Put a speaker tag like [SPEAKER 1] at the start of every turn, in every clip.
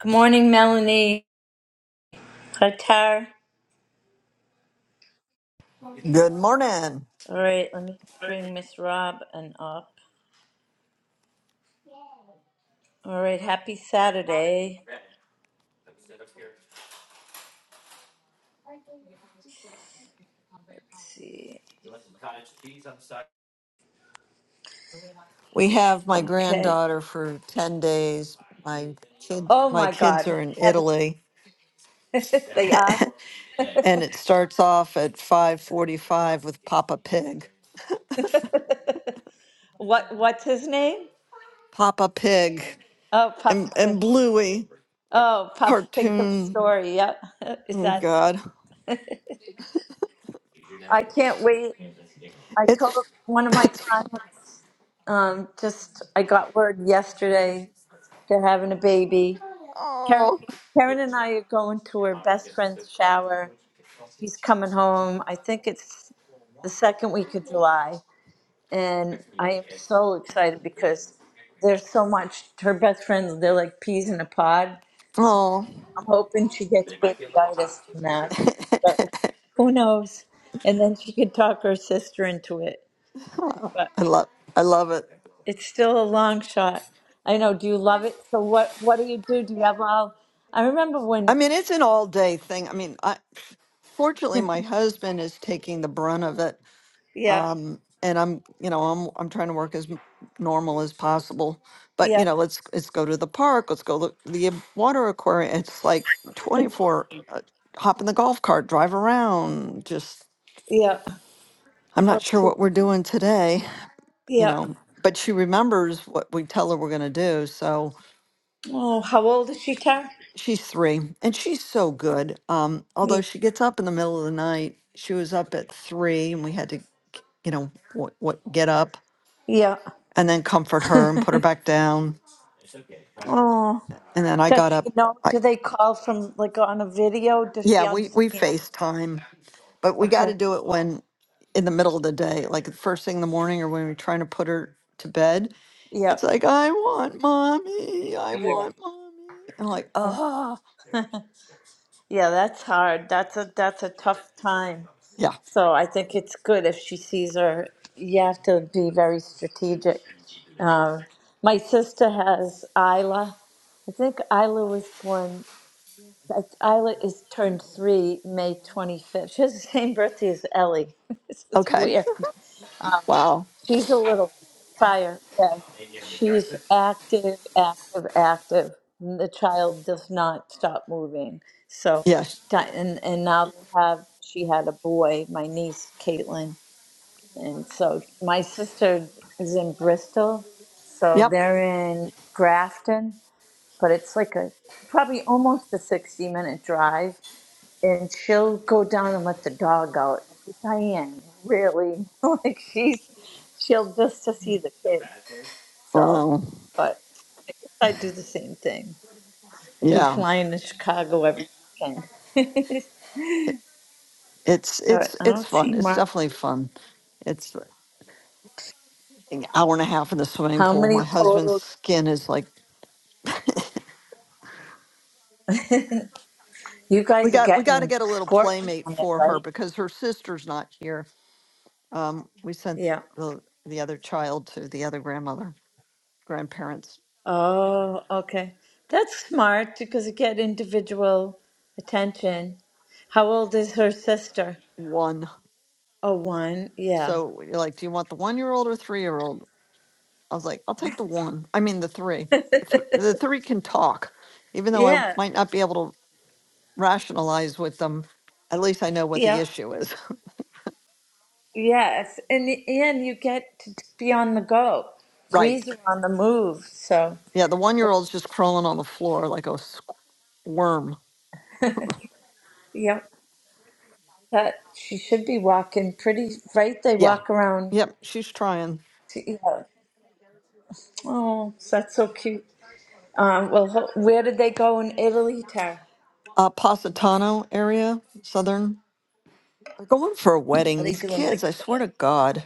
[SPEAKER 1] Good morning, Melanie. Qatar.
[SPEAKER 2] Good morning.
[SPEAKER 1] All right, let me bring Miss Rob and up. All right, happy Saturday. Let's see.
[SPEAKER 2] We have my
[SPEAKER 1] Okay.
[SPEAKER 2] granddaughter for 10 days. My kid,
[SPEAKER 1] Oh
[SPEAKER 2] my
[SPEAKER 1] my
[SPEAKER 2] kids
[SPEAKER 1] God,
[SPEAKER 2] are in
[SPEAKER 1] heaven.
[SPEAKER 2] Italy
[SPEAKER 1] they are.
[SPEAKER 2] and it starts off at 5:45 with Papa Pig.
[SPEAKER 1] what? What's his name?
[SPEAKER 2] Papa Pig
[SPEAKER 1] Oh, Papa.
[SPEAKER 2] and
[SPEAKER 1] Pig.
[SPEAKER 2] and Bluey
[SPEAKER 1] Oh, Papa Pig the
[SPEAKER 2] cartoon.
[SPEAKER 1] story. Yeah. Is
[SPEAKER 2] Oh
[SPEAKER 1] that?
[SPEAKER 2] god.
[SPEAKER 1] I can't wait. I told
[SPEAKER 2] It's
[SPEAKER 1] one of my
[SPEAKER 2] it's
[SPEAKER 1] clients. Um, just I got word yesterday they're having a baby. Karen,
[SPEAKER 2] oh,
[SPEAKER 1] Karen and I are going to her best friend's shower. She's coming home. I think it's the second week of July. And I am so excited because there's so much, her best friends, they're like peas in a pod. So
[SPEAKER 2] oh
[SPEAKER 1] I'm hoping she gets babyitis from that. But who knows? And then she could talk her sister into it. But
[SPEAKER 2] I love I love it.
[SPEAKER 1] it's still a long shot. I know. Do you love it? So what what do you do? Do you have all I remember
[SPEAKER 2] I
[SPEAKER 1] when
[SPEAKER 2] mean, it's an
[SPEAKER 1] Yeah.
[SPEAKER 2] all-day thing. I mean, I fortunately my husband is taking the brunt of it
[SPEAKER 1] yeah.
[SPEAKER 2] and I'm, you know, I'm I'm trying to work as m- normal as possible. But you
[SPEAKER 1] Yeah,
[SPEAKER 2] know, let's let's go to the park. Let's go look the um, water aquarium. It's like 24. Uh, hop in the golf cart, drive around. Just
[SPEAKER 1] yeah.
[SPEAKER 2] I'm
[SPEAKER 1] How
[SPEAKER 2] not sure
[SPEAKER 1] to?
[SPEAKER 2] what we're doing today. You
[SPEAKER 1] Yeah.
[SPEAKER 2] know, but she remembers what we tell her we're going to do. So
[SPEAKER 1] Oh, how old is she, Tara?
[SPEAKER 2] she's three, and she's so good. Um, although
[SPEAKER 1] Yeah.
[SPEAKER 2] she gets up in the middle of the night, she was up at three, and we had to, you know, what what get up
[SPEAKER 1] Yeah.
[SPEAKER 2] and then comfort her and put her back down
[SPEAKER 1] Oh,
[SPEAKER 2] And then I
[SPEAKER 1] does
[SPEAKER 2] got
[SPEAKER 1] she
[SPEAKER 2] up.
[SPEAKER 1] know?
[SPEAKER 2] I,
[SPEAKER 1] Do they call from like on a video? Does she
[SPEAKER 2] yeah, we, we
[SPEAKER 1] understand?
[SPEAKER 2] FaceTime, but we got to
[SPEAKER 1] Okay.
[SPEAKER 2] do it when in the middle of the day, like the first thing in the morning or when we're trying to put her to bed.
[SPEAKER 1] Yeah.
[SPEAKER 2] It's like, I want mommy. I
[SPEAKER 1] Yeah.
[SPEAKER 2] want mommy. And like,
[SPEAKER 1] Oh.
[SPEAKER 2] ah,
[SPEAKER 1] Yeah, that's hard. That's a that's a tough time.
[SPEAKER 2] yeah.
[SPEAKER 1] So I think it's good if she sees her. You have to be very strategic. Um, my sister has Isla. I think Isla was born. That- Isla is turned three May 25th. She has the same birthday as Ellie. this is
[SPEAKER 2] Okay.
[SPEAKER 1] weird. Um,
[SPEAKER 2] wow.
[SPEAKER 1] she's a little fire. Yeah. She's active, active, active. The child does not stop moving. So,
[SPEAKER 2] Yes.
[SPEAKER 1] di- and, and now they have, she had a boy, my niece, Caitlin. And so my sister is in Bristol. So
[SPEAKER 2] Yep.
[SPEAKER 1] they're in Grafton, but it's like a probably almost a 60 minute drive and she'll go down and let the dog out. I go, Diane, really? like she's she'll just to see the kids. So,
[SPEAKER 2] Wow.
[SPEAKER 1] but I do the same thing. I'd be
[SPEAKER 2] Yeah.
[SPEAKER 1] flying to Chicago every weekend.
[SPEAKER 2] It's,
[SPEAKER 1] All right,
[SPEAKER 2] it's,
[SPEAKER 1] I
[SPEAKER 2] it's
[SPEAKER 1] don't see
[SPEAKER 2] fun. It's
[SPEAKER 1] Marty.
[SPEAKER 2] definitely fun. It's an hour and a half in the swimming
[SPEAKER 1] How
[SPEAKER 2] pool.
[SPEAKER 1] many
[SPEAKER 2] My husband's
[SPEAKER 1] total?
[SPEAKER 2] skin is like
[SPEAKER 1] you
[SPEAKER 2] We
[SPEAKER 1] guys are
[SPEAKER 2] got we got to
[SPEAKER 1] getting
[SPEAKER 2] get a little
[SPEAKER 1] scorched
[SPEAKER 2] playmate
[SPEAKER 1] on it,
[SPEAKER 2] for her
[SPEAKER 1] right?
[SPEAKER 2] because her sister's not here. Um, we sent
[SPEAKER 1] Yeah.
[SPEAKER 2] the the other child to the other grandmother, grandparents
[SPEAKER 1] Oh, okay. That's smart because you get individual attention. How old is her sister?
[SPEAKER 2] one.
[SPEAKER 1] Oh, one. Yeah.
[SPEAKER 2] So you're like, do you want the one year old or three year old? I was like, I'll take the one. I mean the three. The, th- the three can talk, even though I
[SPEAKER 1] yeah.
[SPEAKER 2] might not be able to rationalize with them. At least I know what the
[SPEAKER 1] Yeah.
[SPEAKER 2] issue is.
[SPEAKER 1] Yes. In the end, you get to be on the go.
[SPEAKER 2] right.
[SPEAKER 1] Threes are on the move. So,
[SPEAKER 2] Yeah. The one year
[SPEAKER 1] the,
[SPEAKER 2] old's just crawling on the floor like a squirm.
[SPEAKER 1] yep, that she should be walking pretty, right? They
[SPEAKER 2] Yeah.
[SPEAKER 1] walk around.
[SPEAKER 2] Yep. She's trying.
[SPEAKER 1] To, yeah. Oh, that's so cute. Um, well, ho- where did they go in Italy, Tara?
[SPEAKER 2] uh, Positano area, southern. They're going for a
[SPEAKER 1] Are
[SPEAKER 2] wedding.
[SPEAKER 1] they
[SPEAKER 2] These
[SPEAKER 1] doing
[SPEAKER 2] kids,
[SPEAKER 1] like
[SPEAKER 2] I swear
[SPEAKER 1] that?
[SPEAKER 2] to God,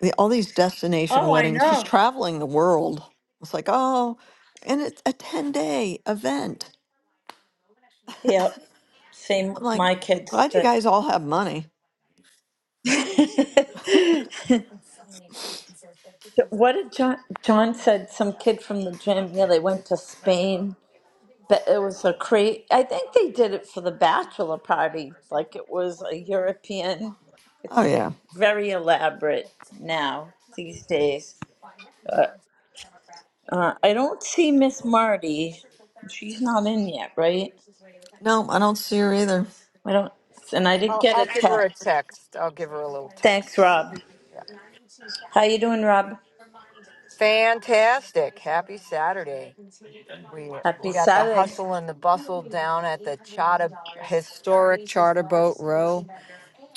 [SPEAKER 2] the, all these destination
[SPEAKER 1] Oh, I
[SPEAKER 2] weddings. She's
[SPEAKER 1] know.
[SPEAKER 2] traveling the world. It's like, oh, and it's a 10 day event.
[SPEAKER 1] Yep. Same
[SPEAKER 2] I'm
[SPEAKER 1] with
[SPEAKER 2] like,
[SPEAKER 1] my kids.
[SPEAKER 2] glad you guys all have money.
[SPEAKER 1] The What did John? John said some kid from the gym. Yeah, they went to Spain, but it was a cra I think they did it for the bachelor party. Like it was a European.
[SPEAKER 2] Oh,
[SPEAKER 1] It's like
[SPEAKER 2] yeah.
[SPEAKER 1] very elaborate now these days. Uh, I don't see Miss Marty. She's not in yet, right?
[SPEAKER 2] No, I don't see her either.
[SPEAKER 1] I don't, and I didn't
[SPEAKER 3] I'll,
[SPEAKER 1] get a
[SPEAKER 3] I'll give her a
[SPEAKER 1] text.
[SPEAKER 3] text. I'll give her a little
[SPEAKER 1] Thanks,
[SPEAKER 3] text.
[SPEAKER 1] Rob.
[SPEAKER 3] Yeah.
[SPEAKER 1] How you doing, Rob?
[SPEAKER 3] Fantastic. Happy Saturday. We, we
[SPEAKER 1] Happy
[SPEAKER 3] got the
[SPEAKER 1] Saturday.
[SPEAKER 3] hustle and the bustle down at the charter, historic charter boat row.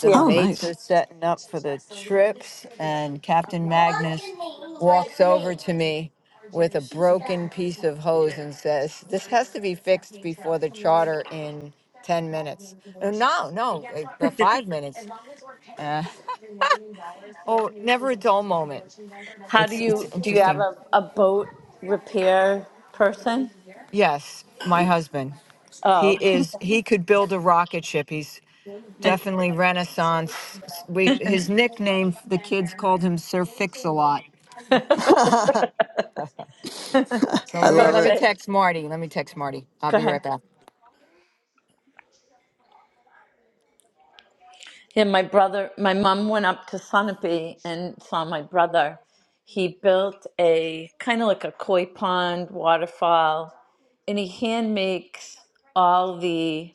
[SPEAKER 3] The
[SPEAKER 1] Yeah.
[SPEAKER 2] Oh,
[SPEAKER 3] mates
[SPEAKER 2] nice.
[SPEAKER 3] are setting up for the trips, and Captain Magnus walks over to me with a broken piece of hose and says, This has to be fixed before the charter in 10 minutes. Uh, No, no, uh, the five minutes. Uh, oh, never a dull moment.
[SPEAKER 1] How do
[SPEAKER 3] It's it's
[SPEAKER 1] you do? You have
[SPEAKER 3] interesting.
[SPEAKER 1] a, a boat repair person?
[SPEAKER 3] Yes, my husband.
[SPEAKER 1] Oh,
[SPEAKER 3] He is he could build a rocket ship. He's definitely renaissance. S- We his nickname the kids called him Sir Fix-a-Lot. So
[SPEAKER 2] I
[SPEAKER 3] let me
[SPEAKER 2] love
[SPEAKER 3] let me
[SPEAKER 2] it.
[SPEAKER 1] perfect.
[SPEAKER 3] text Marty. Let me text Marty. I'll
[SPEAKER 1] Go
[SPEAKER 3] be
[SPEAKER 1] ahead.
[SPEAKER 3] right back.
[SPEAKER 1] Yeah, my brother, my mom went up to Sunapee and saw my brother. He built a kind of like a koi pond waterfall, and he hand makes all the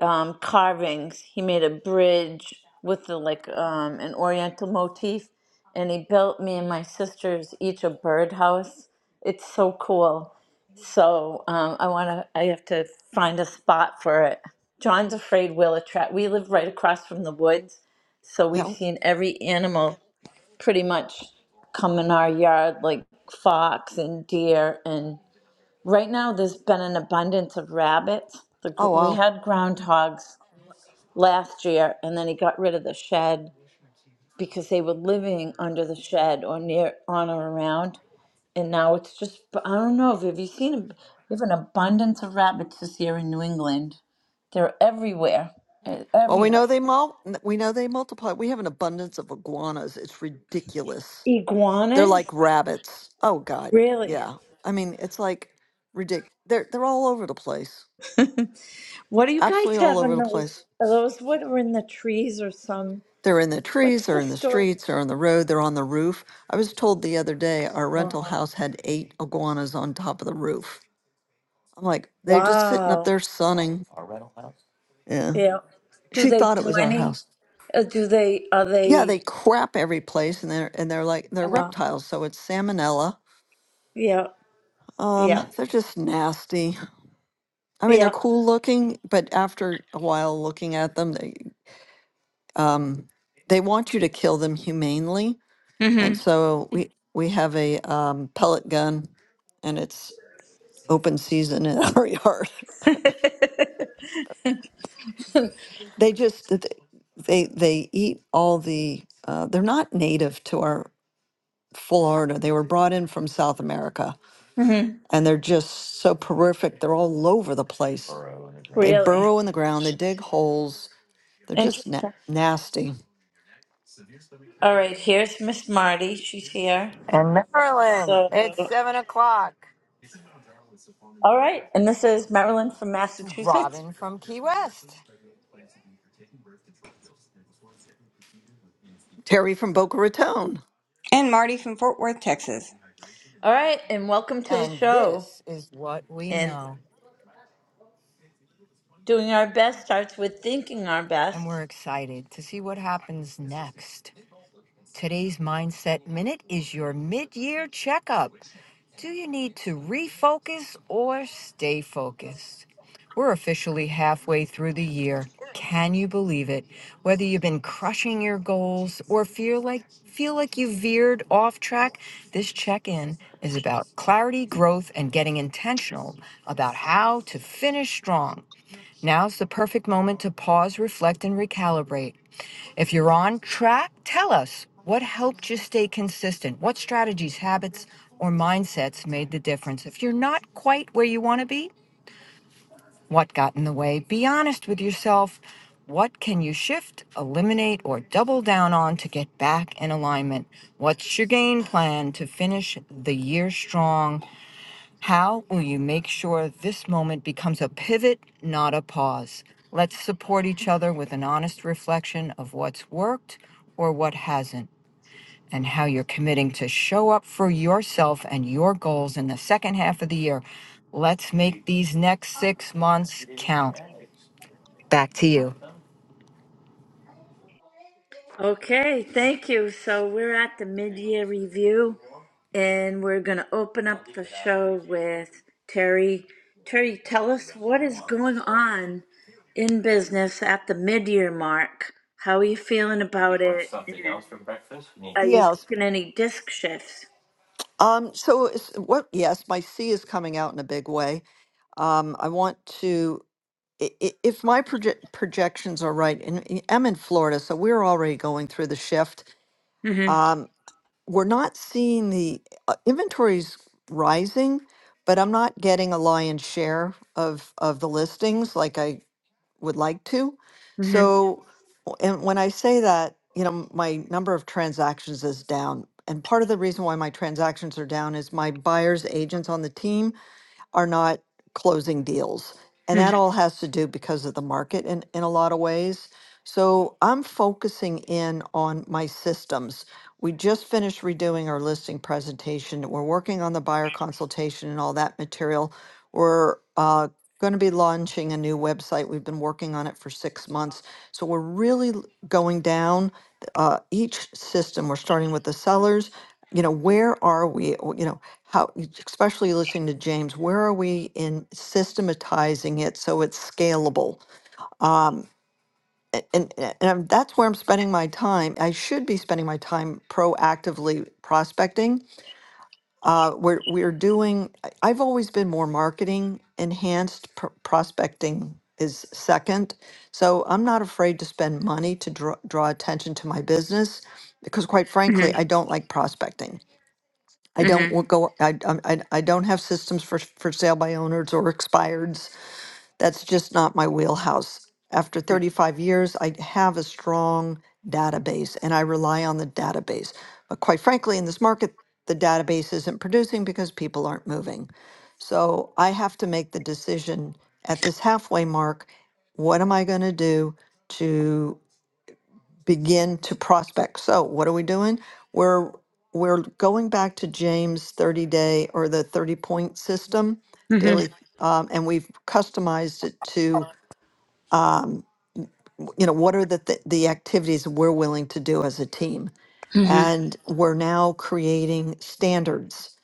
[SPEAKER 1] um, carvings. He made a bridge with the like um, an oriental motif, and he built me and my sisters each a birdhouse. It's so cool. So um, I want to. I have to find a spot for it. John's afraid we'll attract. We live right across from the woods, so we've
[SPEAKER 2] Yeah.
[SPEAKER 1] seen every animal pretty much come in our yard, like fox and deer. And right now, there's been an abundance of rabbits. The, gr-
[SPEAKER 2] Oh
[SPEAKER 1] we
[SPEAKER 2] wow.
[SPEAKER 1] had groundhogs last year, and then he got rid of the shed because they were living under the shed or near on or around and now it's just i don't know have you seen ab- we have an abundance of rabbits this year in new england they're everywhere eh,
[SPEAKER 2] Well, we know
[SPEAKER 1] everywhere
[SPEAKER 2] they mul- we know they multiply. We have an abundance of iguanas. It's ridiculous. They're
[SPEAKER 1] iguanas
[SPEAKER 2] like rabbits. Oh god.
[SPEAKER 1] really
[SPEAKER 2] Yeah. I mean, it's like ridic They're they're all over the place.
[SPEAKER 1] what do you guys
[SPEAKER 2] Absolutely all
[SPEAKER 1] have
[SPEAKER 2] over
[SPEAKER 1] in
[SPEAKER 2] the
[SPEAKER 1] those
[SPEAKER 2] place.
[SPEAKER 1] are those what are in the trees or some
[SPEAKER 2] They're in the trees,
[SPEAKER 1] what's
[SPEAKER 2] they're
[SPEAKER 1] the
[SPEAKER 2] in the
[SPEAKER 1] story
[SPEAKER 2] streets, they're on the road, they're on the roof. I was told the other day our
[SPEAKER 1] wow
[SPEAKER 2] rental house had eight iguanas on top of the roof. I'm like, they're just sitting up
[SPEAKER 1] wow
[SPEAKER 2] there sunning. Yeah.
[SPEAKER 1] yeah do
[SPEAKER 2] She
[SPEAKER 1] they
[SPEAKER 2] thought it
[SPEAKER 1] do
[SPEAKER 2] was our
[SPEAKER 1] any
[SPEAKER 2] house.
[SPEAKER 1] uh, do they are
[SPEAKER 2] yeah,
[SPEAKER 1] they
[SPEAKER 2] they crap every place, and they're and they're like they're
[SPEAKER 1] uh
[SPEAKER 2] reptiles, so it's salmonella.
[SPEAKER 1] yeah yeah
[SPEAKER 2] Um, they're just nasty. I mean, they're
[SPEAKER 1] yeah
[SPEAKER 2] cool looking, but after a while looking at them, they um, they want you to kill them humanely, and
[SPEAKER 1] mm-hmm.
[SPEAKER 2] so we we have a um, pellet gun, and it's open season in our yard. They just th- they they eat all the. Uh, they're not native to our Florida. They were brought in from South America
[SPEAKER 1] mm-hmm.
[SPEAKER 2] and they're just so prolific. They're all over the place. They
[SPEAKER 1] really
[SPEAKER 2] burrow in the ground, they dig holes. They're
[SPEAKER 1] Interesting.
[SPEAKER 2] just na- nasty.
[SPEAKER 1] All right, here's Miss Marty. She's here.
[SPEAKER 3] And Marilyn,
[SPEAKER 1] So,
[SPEAKER 3] it's seven o'clock.
[SPEAKER 1] all right, and this is Marilyn from
[SPEAKER 3] It's
[SPEAKER 1] Massachusetts.
[SPEAKER 3] Robin from Key West.
[SPEAKER 2] Terry from Boca Raton.
[SPEAKER 4] And Marty from Fort Worth, Texas.
[SPEAKER 1] All right, and welcome to the
[SPEAKER 3] And
[SPEAKER 1] show.
[SPEAKER 3] this is what we
[SPEAKER 1] And
[SPEAKER 3] know.
[SPEAKER 1] doing our best starts with thinking our
[SPEAKER 3] And
[SPEAKER 1] best.
[SPEAKER 3] we're excited to see what happens next. Today's Mindset Minute is your mid year checkup. Do you need to refocus or stay focused? We're officially halfway through the year. Can you believe it? Whether you've been crushing your goals or feel like feel like you veered off track, this check-in is about clarity, growth, and getting intentional about how to finish strong. Now's the perfect moment to pause, reflect, and recalibrate. If you're on track, tell us what helped you stay consistent. What strategies, habits, or mindsets made the difference? If you're not quite where you want to be, what got in the way? Be honest with yourself. What can you shift, eliminate, or double down on to get back in alignment? What's your game plan to finish the year strong? How will you make sure this moment becomes a pivot, not a pause? Let's support each other with an honest reflection of what's worked or what hasn't, and how you're committing to show up for yourself and your goals in the second half of the year. Let's make these next six months count. Back to you.
[SPEAKER 1] Okay, thank you. So, we're at the mid year review, and we're going to open up the show with Terry. Terry, tell us what is going on in business at the mid year mark. How are you feeling about it? Are you
[SPEAKER 2] Yes.
[SPEAKER 1] making any disc shifts?
[SPEAKER 2] Um, so is, what, yes, my C is coming out in a big way. Um, I want to, i- i- if my proje- projections are right, and I- I'm in Florida, so we're already going through the shift.
[SPEAKER 1] Mm-hmm.
[SPEAKER 2] Um, we're not seeing the uh, inventories rising, but I'm not getting a lion's share of of the listings like I would like to.
[SPEAKER 1] Mm-hmm.
[SPEAKER 2] So, w- and when I say that, you know, my number of transactions is down. And part of the reason why my transactions are down is my buyer's agents on the team are not closing deals. And that
[SPEAKER 1] Mm-hmm.
[SPEAKER 2] all has to do because of the market in, in a lot of ways. So I'm focusing in on my systems. We just finished redoing our listing presentation. We're working on the buyer consultation and all that material. We're uh, going to be launching a new website. We've been working on it for six months. So we're really l- going down uh, each system. We're starting with the sellers. You know, where are we? how, especially listening to James, where are we in systematizing it so it's scalable? Um, a- and, and, I'm- that's where I'm spending my time. I should be spending my time proactively prospecting. Uh, we're, we're doing, I- I've always been more marketing enhanced, pr- prospecting is second. So I'm not afraid to spend money to draw, draw attention to my business because, quite frankly,
[SPEAKER 1] Mm-hmm.
[SPEAKER 2] I don't like prospecting. I don't wa-
[SPEAKER 1] Mm-hmm.
[SPEAKER 2] go, I, I'm- I, I don't have systems for, for sale by owners or expireds. That's just not my wheelhouse. After 35 years, I have a strong database and I rely on the database. But quite frankly, in this market, the database isn't producing because people aren't moving. So I have to make the decision at this halfway mark, what am I going to do to? begin to prospect. So what are we doing? We're we're going back to James 30 day or the 30 point system
[SPEAKER 1] Mm-hmm.
[SPEAKER 2] daily, um, and we've customized it to um, you know what are the th- the activities we're willing to do as a team,
[SPEAKER 1] Mm-hmm.
[SPEAKER 2] and we're now creating standards,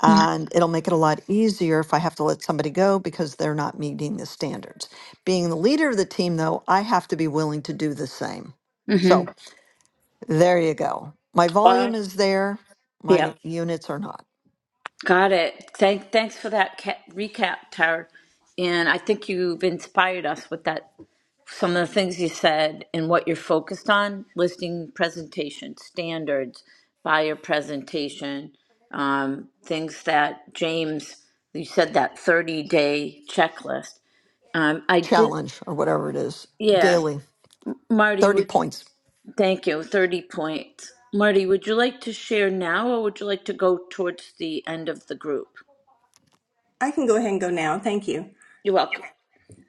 [SPEAKER 2] and it'll make it a lot easier if I have to let somebody go because they're not meeting the standards. Being the leader of the team, though, I have to be willing to do the same. So.
[SPEAKER 1] Mm-hmm.
[SPEAKER 2] There you go. My volume
[SPEAKER 1] Wow.
[SPEAKER 2] is there.
[SPEAKER 1] Yeah.
[SPEAKER 2] My units are not.
[SPEAKER 1] Got it. Thank, thanks for that ca- recap, Tara. And I think you've inspired us with that. Some of the things you said and what you're focused on: listing presentation standards, buyer presentation, um, things that James. You said that 30 day checklist. Um, I did.
[SPEAKER 2] Challenge or whatever it is.
[SPEAKER 1] Yeah,
[SPEAKER 2] Daily,
[SPEAKER 1] Marty,
[SPEAKER 2] 30
[SPEAKER 1] would
[SPEAKER 2] points.
[SPEAKER 1] Thank you. 30 points. Marty, would you like to share now or would you like to go towards the end of the group?
[SPEAKER 4] I can go ahead and go now. Thank you.
[SPEAKER 1] You're welcome.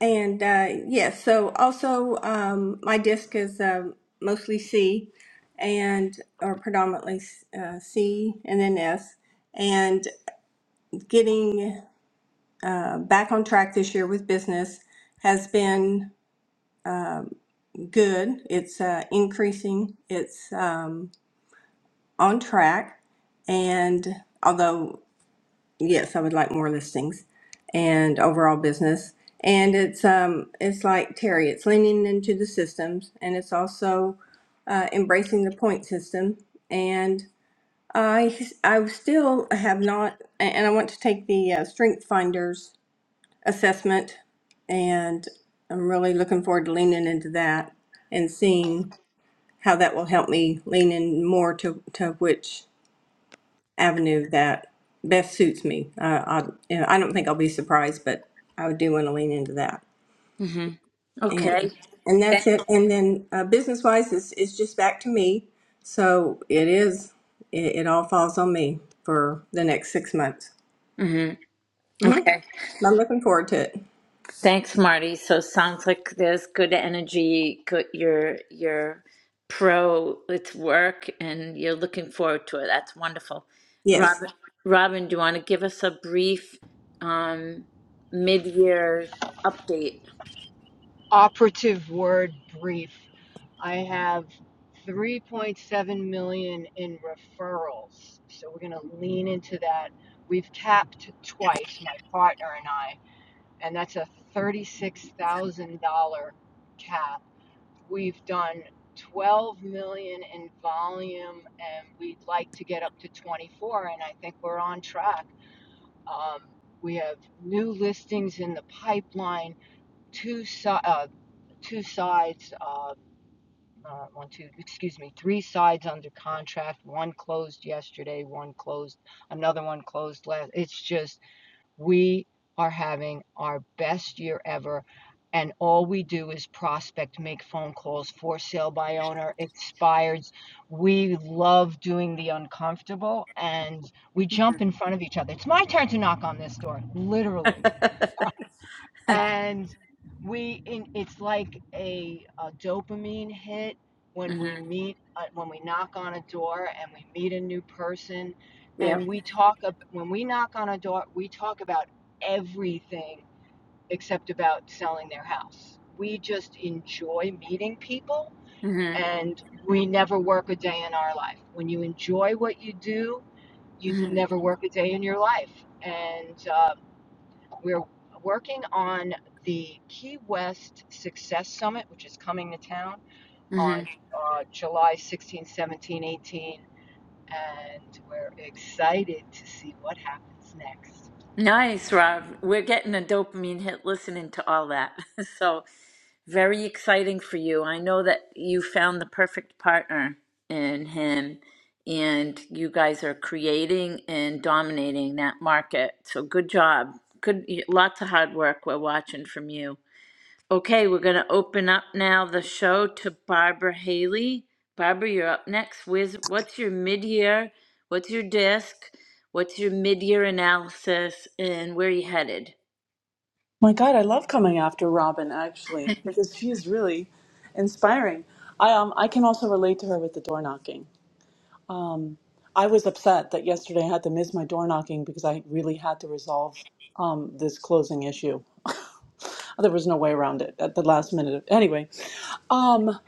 [SPEAKER 4] And uh, yes, so also um, my disc is um mostly C and or predominantly uh, C and then S. And getting uh, back on track this year with business has been good. It's uh, increasing. It's um, on track. And although yes, I would like more listings and overall business. And it's um it's like Terry, it's leaning into the systems and it's also uh, embracing the point system. And I I still have not, and I want to take the uh, Strength Finders assessment, and I'm really looking forward to leaning into that and seeing how that will help me lean in more to to which avenue that best suits me. Uh, I, you know, I don't think I'll be surprised, but I do want to lean into that.
[SPEAKER 1] hmm Okay.
[SPEAKER 4] And and that's it. And then uh, business wise, it's, it's just back to me. So it is. It, it all falls on me for the next six months.
[SPEAKER 1] hmm
[SPEAKER 4] hmm
[SPEAKER 1] Okay.
[SPEAKER 4] I'm looking forward to it.
[SPEAKER 1] Thanks, Marty. So sounds like there's good energy. Good, you're you're pro with work, and you're looking forward to it. That's wonderful.
[SPEAKER 4] Yes.
[SPEAKER 1] Robin, Robin, do you want to give us a brief um, mid-year update?
[SPEAKER 3] Operative word brief. I have 3.7 million in referrals. So we're going to lean into that. We've capped twice, my partner and I, and that's a $36,000 cap. We've done 12 million in volume and we'd like to get up to 24 and I think we're on track. Um, we have new listings in the pipeline, two, si- uh, two sides. uh, uh, one, two, excuse me, three sides under contract. One closed yesterday, one closed, another one closed last. It's just, we are having our best year ever. And all we do is prospect, make phone calls, for sale by owner, expireds. We love doing the uncomfortable and we jump in front of each other. It's my turn to knock on this door, literally and we in, it's like a, a dopamine hit when we
[SPEAKER 1] hmm
[SPEAKER 3] meet uh, when we knock on a door and we meet a new person
[SPEAKER 1] Yeah.
[SPEAKER 3] and we talk ab- when we knock on a door we talk about everything except about selling their house we just enjoy meeting people
[SPEAKER 1] hmm
[SPEAKER 3] and we never work a day in our life when you enjoy what you do you
[SPEAKER 1] hmm
[SPEAKER 3] never work a day in your life and Uh, we're working on the Key West Success Summit, which is coming to town
[SPEAKER 1] hmm
[SPEAKER 3] on uh, July 16, 17, 18, and we're excited to see what happens next.
[SPEAKER 1] Nice, Rob. We're getting a dopamine hit listening to all that. So very exciting for you. I know that you found the perfect partner in him, and you guys are creating and dominating that market. So good job. Good, lots of hard work we're watching from you. Okay, we're going to open up now the show to Barbara Haley. Barbara, you're up next. Where's, what's your mid-year? What's your disc? What's your mid-year analysis? And where are you headed?
[SPEAKER 5] My God, I love coming after Robin actually because she's really inspiring. I um I can also relate to her with the door knocking. I was upset that yesterday I had to miss my door knocking because I really had to resolve um this closing issue. There was no way around it at the last minute. Of, anyway, um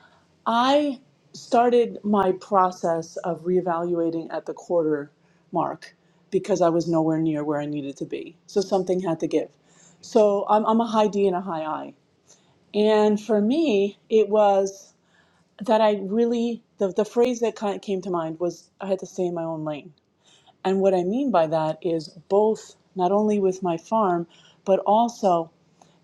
[SPEAKER 5] I started my process of reevaluating at the quarter mark because I was nowhere near where I needed to be. So something had to give. So I'm, I'm a high D and a high I. And for me, it was that I really, the, the phrase that kind of came to mind was I had to stay in my own lane. And what I mean by that is both, not only with my farm, but also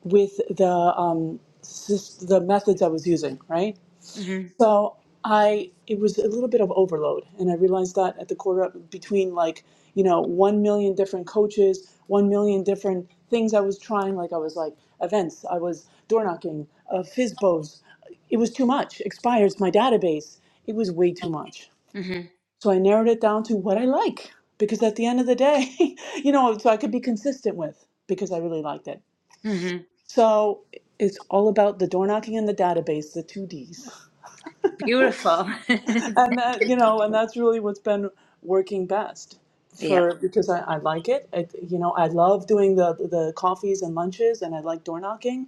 [SPEAKER 5] with the, um, sys- the methods I was using, right?
[SPEAKER 1] mm
[SPEAKER 5] So I it was a little bit of overload, and I realized that at the quarter up between like you know one million different coaches, one million different things I was trying. Like I was like events, I was door knocking, uh, FISBOs. It was too much. Expires my database. It was way too much.
[SPEAKER 1] hmm mm
[SPEAKER 5] So I narrowed it down to what I like because at the end of the day, you know, so I could be consistent with because I really liked it.
[SPEAKER 1] hmm mm hmm
[SPEAKER 5] So it's all about the door knocking and the database, the two Ds.
[SPEAKER 1] Beautiful.
[SPEAKER 5] and that you know and that's really what's been working best
[SPEAKER 1] yep.
[SPEAKER 5] for because i, I like it. it you know i love doing the the coffees and lunches and i like door knocking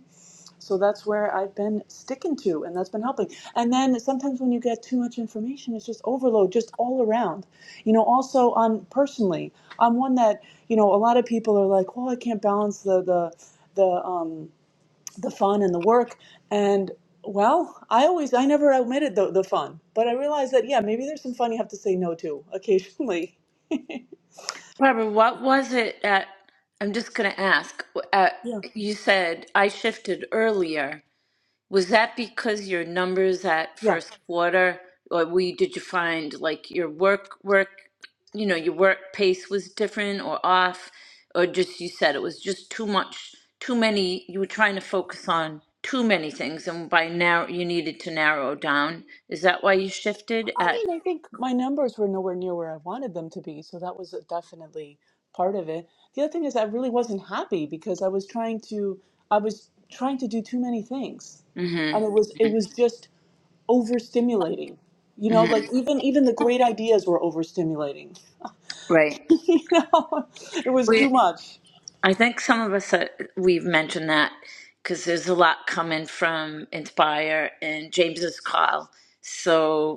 [SPEAKER 5] so that's where i've been sticking to and that's been helping and then sometimes when you get too much information it's just overload just all around you know also on personally i'm one that you know a lot of people are like well i can't balance the the the um the fun and the work and well i always i never omitted the, the fun but i realized that yeah maybe there's some fun you have to say no to occasionally
[SPEAKER 1] Barbara, what was it at, I'm just going to ask, w- at,
[SPEAKER 5] yeah
[SPEAKER 1] you said I shifted earlier. Was that because your numbers at
[SPEAKER 5] yeah
[SPEAKER 1] first quarter, or we, did you find like your work work, you know, your work pace was different or off, or just you said it was just too much, too many, you were trying to focus on too many things, and by now you needed to narrow down. Is that why you shifted
[SPEAKER 5] i
[SPEAKER 1] at?
[SPEAKER 5] mean i think my numbers were nowhere near where i wanted them to be so that was definitely part of it the other thing is i really wasn't happy because i was trying to i was trying to do too many things and
[SPEAKER 1] Mm-hmm.
[SPEAKER 5] it was it was just overstimulating you know
[SPEAKER 1] Mm-hmm.
[SPEAKER 5] like even even the great ideas were overstimulating
[SPEAKER 1] Right.
[SPEAKER 5] you know it was too
[SPEAKER 1] We,
[SPEAKER 5] much
[SPEAKER 1] I think some of us uh, we've mentioned that because there's a lot coming from Inspire and James's call. So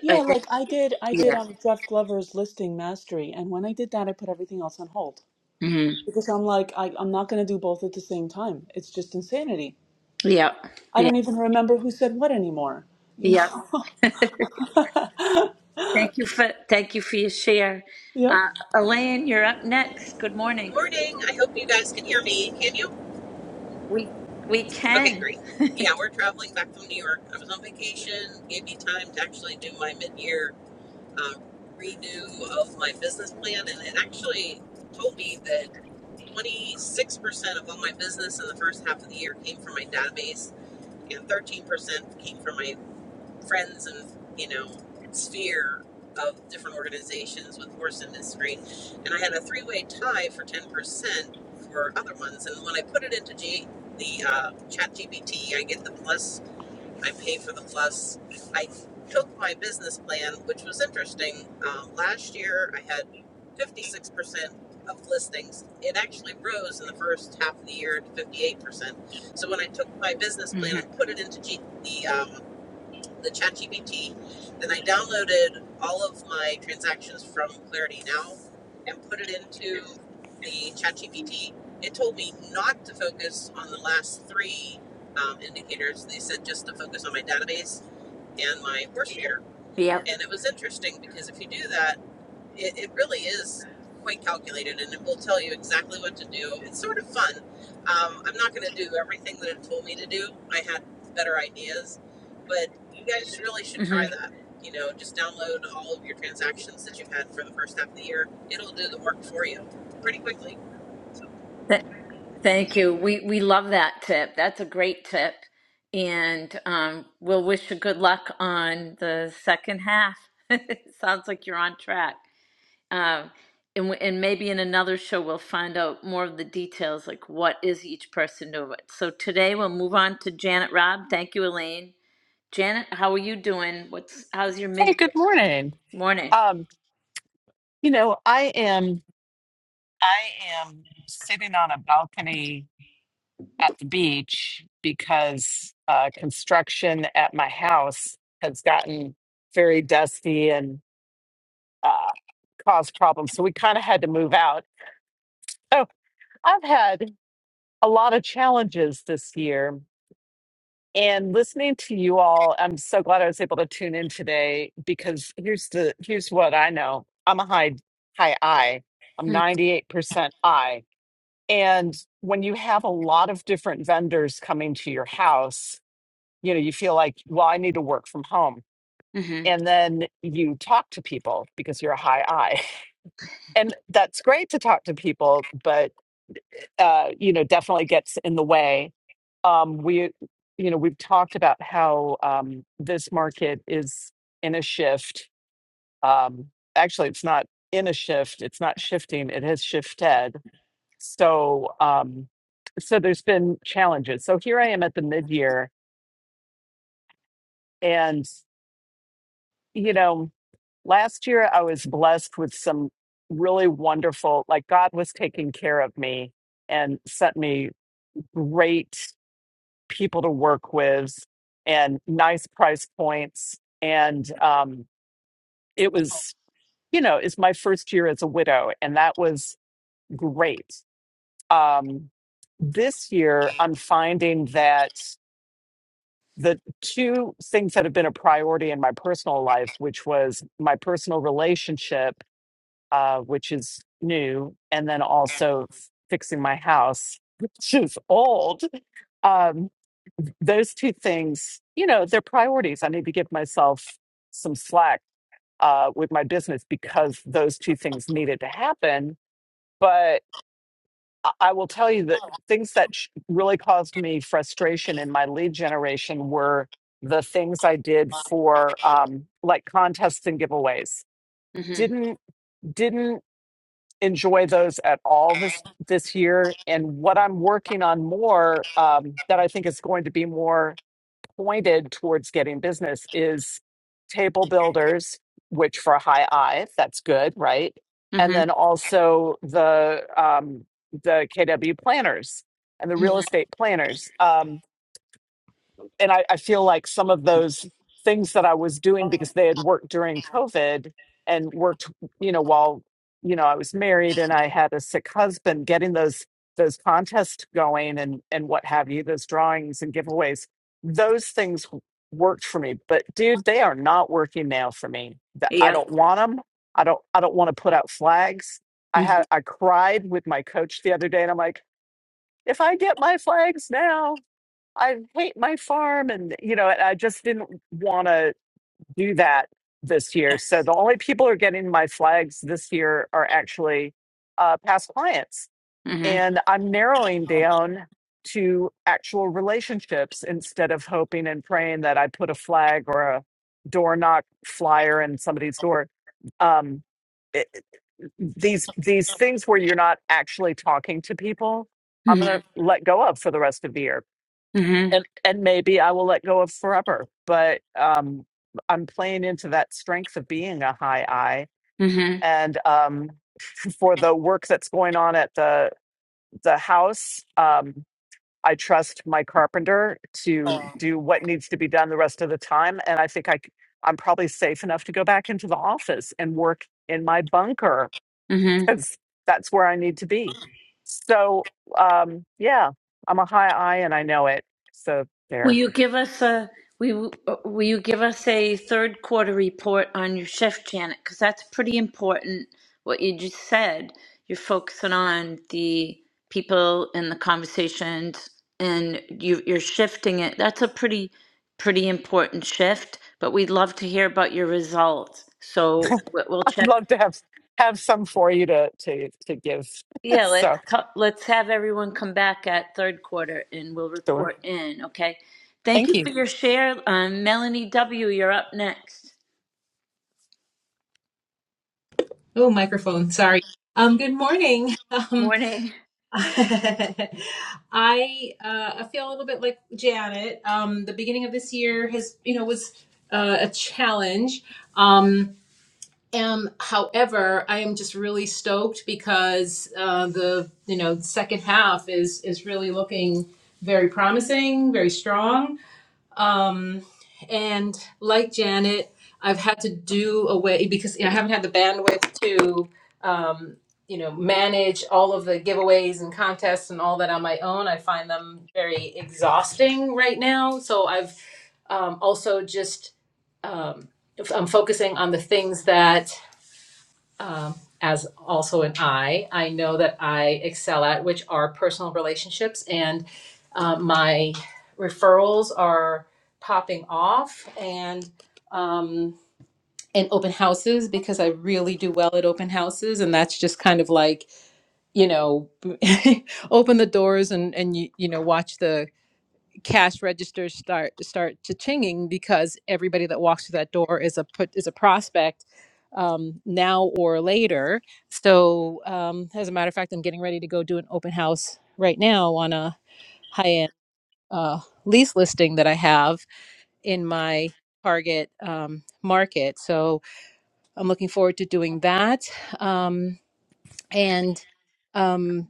[SPEAKER 5] Yeah,
[SPEAKER 1] I think,
[SPEAKER 5] like I did, I did
[SPEAKER 1] yeah,
[SPEAKER 5] um Jeff Glover's listing mastery, and when I did that, I put everything else on hold
[SPEAKER 1] hmm
[SPEAKER 5] because I'm like, I, I'm not going to do both at the same time. It's just insanity.
[SPEAKER 1] yeah,
[SPEAKER 5] I
[SPEAKER 1] yeah,
[SPEAKER 5] don't even remember who said what anymore. You
[SPEAKER 1] yeah.
[SPEAKER 5] know?
[SPEAKER 1] Thank you for thank you for your share,
[SPEAKER 5] Yeah.
[SPEAKER 1] uh, Elaine. You're up next. Good morning.
[SPEAKER 6] Morning. I hope you guys can hear me. Can you?
[SPEAKER 1] We we
[SPEAKER 6] Okay,
[SPEAKER 1] can.
[SPEAKER 6] great. Yeah, we're traveling back from New York. I was on vacation. Gave me time to actually do my mid-year um, renew of my business plan, and it actually told me that 26% of all my business in the first half of the year came from my database, and 13% came from my friends and you know sphere of different organizations with horse industry and i had a three-way tie for 10% for other ones and when i put it into G, the uh, chat gpt i get the plus i pay for the plus i took my business plan which was interesting um, last year i had 56% of listings it actually rose in the first half of the year to 58% so when i took my business plan
[SPEAKER 1] hmm
[SPEAKER 6] and put it into G, the um, the ChatGPT, then I downloaded all of my transactions from Clarity Now and put it into the ChatGPT. It told me not to focus on the last three um, indicators. They said just to focus on my database and my horse trader.
[SPEAKER 1] Yep.
[SPEAKER 6] And it was interesting because if you do that, it, it really is quite calculated, and it will tell you exactly what to do. It's sort of fun. Um, I'm not going to do everything that it told me to do. I had better ideas, but you guys really should
[SPEAKER 1] hmm
[SPEAKER 6] try that. You know, just download all of your transactions that you've had for the first half of the year. It'll do the work for you pretty quickly. So
[SPEAKER 1] Th- thank you. We we love that tip. That's a great tip, and um, we'll wish you good luck on the second half. Sounds like you're on track. Um, and, w- and maybe in another show, we'll find out more of the details, like what is each person doing. So today we'll move on to Janet Robb. Thank you, Elaine. Janet, how are you doing? What's how's your mid
[SPEAKER 7] Hey, good morning.
[SPEAKER 1] morning?
[SPEAKER 7] Um, you know, I am I am sitting on a balcony at the beach because uh, construction at my house has gotten very dusty and uh, caused problems. So we kind of had to move out. So I've had a lot of challenges this year And listening to you all, I'm so glad I was able to tune in today because here's the here's what I know. I'm a high high I. I'm
[SPEAKER 1] Mm-hmm.
[SPEAKER 7] 98% I. And when you have a lot of different vendors coming to your house, you know, you feel like, well, I need to work from home. And then you talk to people because you're a high I. And that's great to talk to people, But uh, you know, definitely gets in the way. Um, we, you know, we've talked about how um, this market is in a shift. Um, actually, it's not in a shift. It's not shifting. It has shifted. So, um, so there's been challenges. So here I am at the mid-year, and you know, last year I was blessed with some really wonderful, like God was taking care of me and sent me great people to work with and nice price points. And um, it was, you know, it's my first year as a widow, and that was great. Um, this year, I'm finding that the two things that have been a priority in my personal life, which was my personal relationship, uh, which is new, and then also f- fixing my house, which is old Um, those two things, you know, they're priorities. I need to give myself some slack uh, with my business because those two things needed to happen. But I I will tell you that things that sh- really caused me frustration in my lead generation were the things I did for um, like contests and giveaways.
[SPEAKER 1] Mm-hmm.
[SPEAKER 7] Didn't didn't enjoy those at all this this year. And what I'm working on more um, that I think is going to be more pointed towards getting business is table builders, which for a high I, that's good, right? And then
[SPEAKER 1] Mm-hmm.
[SPEAKER 7] also the um, the KW planners and the real estate planners. Um, and I, I feel like some of those things that I was doing because they had worked during COVID and worked, you know, while you know I was married and I had a sick husband, getting those those contests going and and what have you, those drawings and giveaways, those things w- worked for me. But dude, they are not working now for me. Th- I
[SPEAKER 1] Yeah.
[SPEAKER 7] don't want them. I don't I don't want to put out flags. I
[SPEAKER 1] Mm-hmm.
[SPEAKER 7] had I cried with my coach the other day, and I'm like, if I get my flags now. I hate my farm and you know, and I just didn't want to do that this year. So the only people who are getting my flags this year are actually uh, past clients, and I'm narrowing down to actual relationships instead of hoping and praying that I put a flag or a door knock flyer in somebody's door. Um, it, it- these these things where you're not actually talking to people, I'm going to
[SPEAKER 1] Mm-hmm.
[SPEAKER 7] let go of for the rest of the year
[SPEAKER 1] Mm-hmm.
[SPEAKER 7] and and maybe I will let go of forever. But um, I'm playing into that strength of being a high I. And um, for the work that's going on at the the house, um, I trust my carpenter to do what needs to be done the rest of the time. And I think I c- I'm probably safe enough to go back into the office and work in my bunker
[SPEAKER 1] Mm-hmm.
[SPEAKER 7] because that's where I need to be. So um, yeah, I'm a high I and I know it. So
[SPEAKER 1] Will
[SPEAKER 7] there.
[SPEAKER 1] you give us a we will will you give us a third quarter report on your shift, Janet? Because that's pretty important. What you just said, you're focusing on the people and the conversations, and you, you're shifting it. That's a pretty pretty important shift. But we'd love to hear about your results. So we- we'll
[SPEAKER 7] I'd
[SPEAKER 1] check
[SPEAKER 7] love to have have some for you to to to give.
[SPEAKER 1] Yeah, let's
[SPEAKER 7] So
[SPEAKER 1] co- let's have everyone come back at third quarter and we'll
[SPEAKER 7] sure,
[SPEAKER 1] report in, okay? Thank
[SPEAKER 7] thank
[SPEAKER 1] you for
[SPEAKER 7] you.
[SPEAKER 1] your share. Um, Melanie W., you're up next.
[SPEAKER 8] Oh, microphone. Sorry. Um, good morning. Um,
[SPEAKER 1] Morning.
[SPEAKER 8] I uh, I feel a little bit like Janet. Um, the beginning of this year has, you know, was uh, a challenge. Um, um, however, I am just really stoked because uh, the you know second half is is really looking very promising, very strong um, and like Janet, I've had to do away because I haven't had the bandwidth to, um, you know, manage all of the giveaways and contests and all that on my own. I find them very exhausting right now. So I've um, also just um, f- I'm focusing on the things that um, as also an I, I know that I excel at, which are personal relationships. And um, my referrals are popping off and um, and open houses because I really do well at open houses. And that's just kind of like, you know, open the doors and, and you, you know, watch the cash registers start start chinging because everybody that walks through that door is a put is a prospect um, now or later. So um, as a matter of fact, I'm getting ready to go do an open house right now on a high end uh, lease listing that I have in my target um, market. So I'm looking forward to doing that. Um, and um,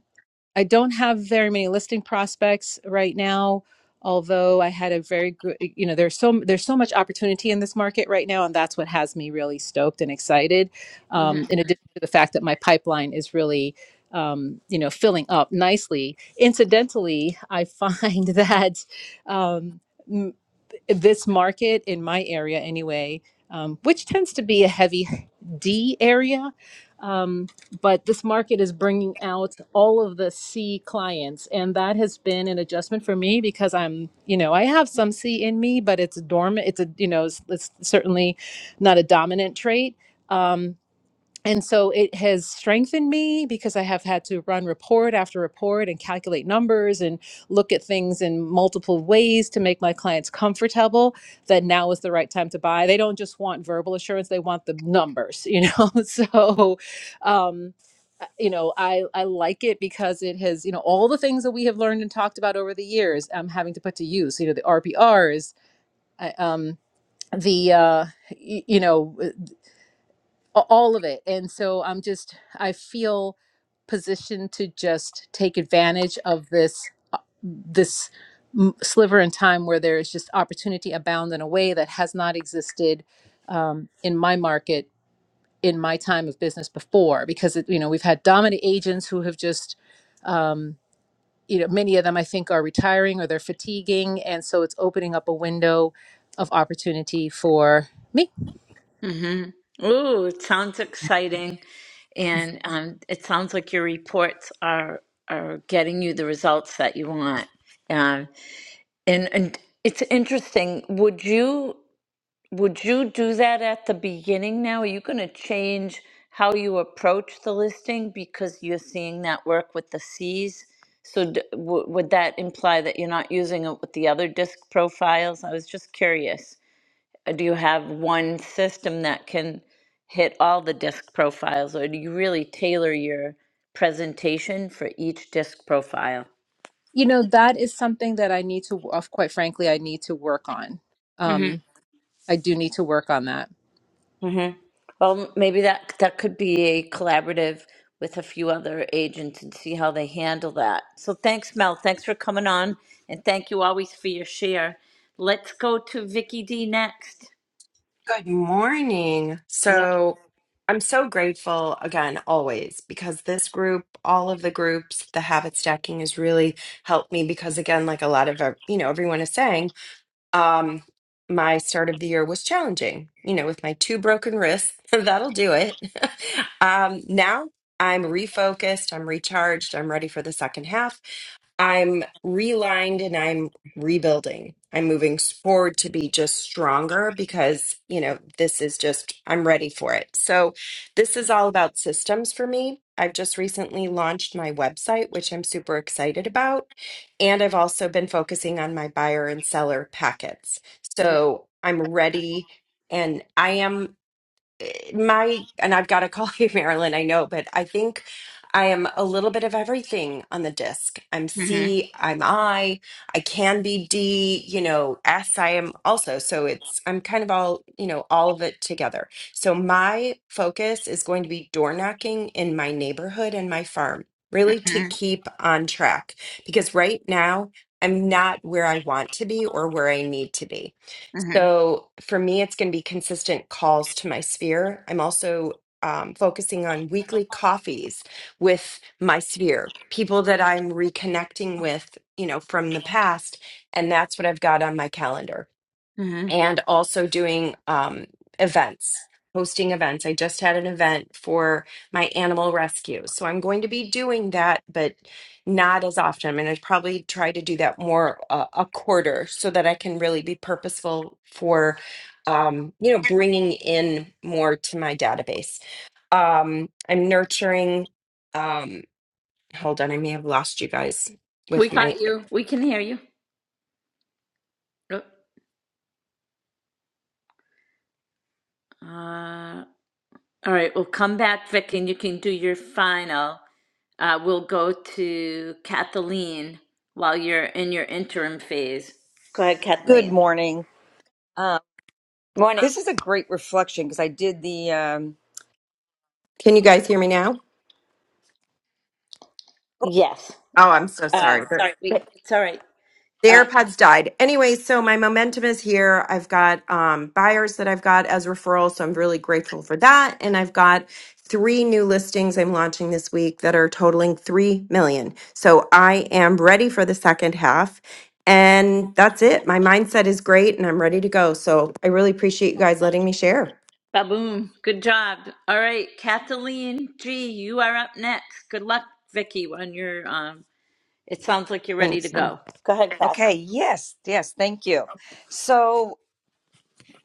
[SPEAKER 8] I don't have very many listing prospects right now, although I had a very good, you know, there's so there's so much opportunity in this market right now, and that's what has me really stoked and excited.
[SPEAKER 1] Mm-hmm.
[SPEAKER 8] Um, in addition to the fact that my pipeline is really, um, you know, filling up nicely. Incidentally, I find that. Um, this market in my area anyway, um, which tends to be a heavy D area. Um, but this market is bringing out all of the C clients, and that has been an adjustment for me because I'm, you know, I have some C in me, but it's dormant. It's a, you know, it's, it's certainly not a dominant trait. Um, and so it has strengthened me because I have had to run report after report and calculate numbers and look at things in multiple ways to make my clients comfortable that now is the right time to buy. They don't just want verbal assurance, they want the numbers, you know? So, um, uh, you know, I, I like it because it has, you know, all the things that we have learned and talked about over the years, I'm having to put to use, you know, the RPRs, I, um, the, uh, y- you know a- all of it and so i'm just i feel positioned to just take advantage of this uh, this m- sliver in time where there is just opportunity abound in a way that has not existed um, in my market in my time of business before because it, you know we've had dominant agents who have just um, you know many of them i think are retiring or they're fatiguing and so it's opening up a window of opportunity for me
[SPEAKER 1] hmm Ooh, it sounds exciting. And um, it sounds like your reports are are getting you the results that you want. Um, and and it's interesting. Would you? Would you do that at the beginning now? Are you going to change how you approach the listing because you're seeing that work with the Cs? So d- w- would that imply that you're not using it with the other disc profiles? I was just curious. Uh, Do you have one system that can hit all the disc profiles, or do you really tailor your presentation for each disc profile?
[SPEAKER 8] you know that is something that i need to of quite frankly i need to work on um i do need to work on that
[SPEAKER 1] hmm Well, maybe that that could be a collaborative with a few other agents and see how they handle that. So thanks, Mel. Thanks for coming on, and thank you always for your share. Let's go to Vicky D next.
[SPEAKER 9] Good morning.
[SPEAKER 1] Mm-hmm.
[SPEAKER 9] So I'm so grateful again, always, because this group, all of the groups, the habit stacking has really helped me because, again, like a lot of, our- you know, everyone is saying, um, my start of the year was challenging, you know, with my two broken wrists. That'll do it. um, now I'm refocused, I'm recharged, I'm ready for the second half I'm relined and I'm rebuilding. I'm moving forward to be just stronger because, you know, this is just, I'm ready for it. So, this is all about systems for me. I've just recently launched my website, which I'm super excited about. And I've also been focusing on my buyer and seller packets. So, I'm ready and I am my and I've got to call you Marilyn, I know, but I think I am a little bit of everything on the disc. I'm
[SPEAKER 1] hmm
[SPEAKER 9] C, I'm I, I can be D, you know, S I am also. So it's I'm kind of all, you know, all of it together. So my focus is going to be door knocking in my neighborhood and my farm, really to keep on track because right now I'm not where I want to be or where I need to be. So for me, it's going to be consistent calls to my sphere. I'm also um, focusing on weekly coffees with my sphere, people that I'm reconnecting with, you know, from the past. And that's what I've got on my calendar
[SPEAKER 1] hmm
[SPEAKER 9] and also doing um, events, hosting events. I just had an event for my animal rescue. So I'm going to be doing that, but not as often. I'm going to probably try to do that more uh, a quarter so that I can really be purposeful for. Um, you know, bringing in more to my database. Um, I'm nurturing. Um, hold on, I may have lost you guys
[SPEAKER 1] We
[SPEAKER 9] with my.
[SPEAKER 1] got you. We can hear you. Oh, Uh, all right. We'll come back, Vic, and you can do your final. Uh, we'll go to Kathleen while you're in your interim phase. Go ahead,
[SPEAKER 10] Good
[SPEAKER 1] Kathleen.
[SPEAKER 10] morning. Um,
[SPEAKER 1] Morning.
[SPEAKER 10] this is a great reflection because I did the. Um,
[SPEAKER 9] Can you guys hear me now?
[SPEAKER 1] Yes.
[SPEAKER 9] Oh, I'm so
[SPEAKER 1] Uh,
[SPEAKER 9] sorry.
[SPEAKER 1] sorry.
[SPEAKER 9] There-
[SPEAKER 1] We, it's all right.
[SPEAKER 9] The
[SPEAKER 1] Uh,
[SPEAKER 9] AirPods died. Anyway, so my momentum is here. I've got um, buyers that I've got as referrals, so I'm really grateful for that. And I've got three new listings I'm launching this week that are totaling three million. So I am ready for the second half. And that's it. My mindset is great and I'm ready to go. So I really appreciate you guys letting me share.
[SPEAKER 1] baboom. Good job. All right, Kathleen G, you are up next. Good luck, Vicky. On your um, it sounds like you're ready to
[SPEAKER 9] Thanks, man.
[SPEAKER 1] go. Go ahead, Kath.
[SPEAKER 10] okay, yes, yes, thank you. So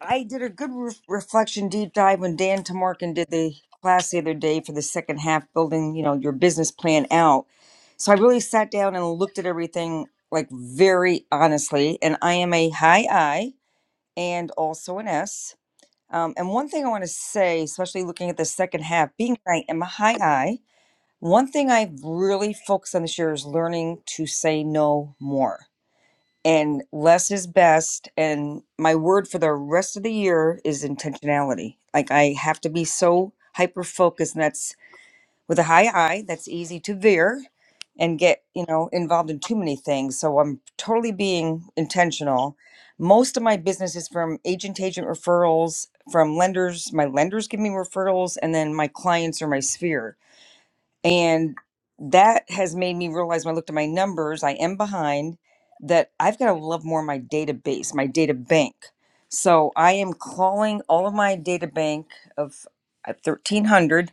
[SPEAKER 10] I did a good re- reflection deep dive when Dan Tamarkin did the class the other day for the second half, building you know your business plan out. So I really sat down and looked at everything like very honestly, and I am a high I and also an S. Um, and one thing I want to say, especially looking at the second half, being I am a high I. One thing I've really focused on this year is learning to say no more. And less is best. And my word for the rest of the year is intentionality. Like I have to be so hyper focused, and that's with a high I, that's easy to veer and get, you know, involved in too many things. So I'm totally being intentional. Most of my business is from agent to agent referrals, from lenders. My lenders give me referrals, and then my clients or my sphere and that has made me realize when I looked at my numbers, I am behind that I've got to love more my database, my data bank. So I am calling all of my data bank of uh, 1300.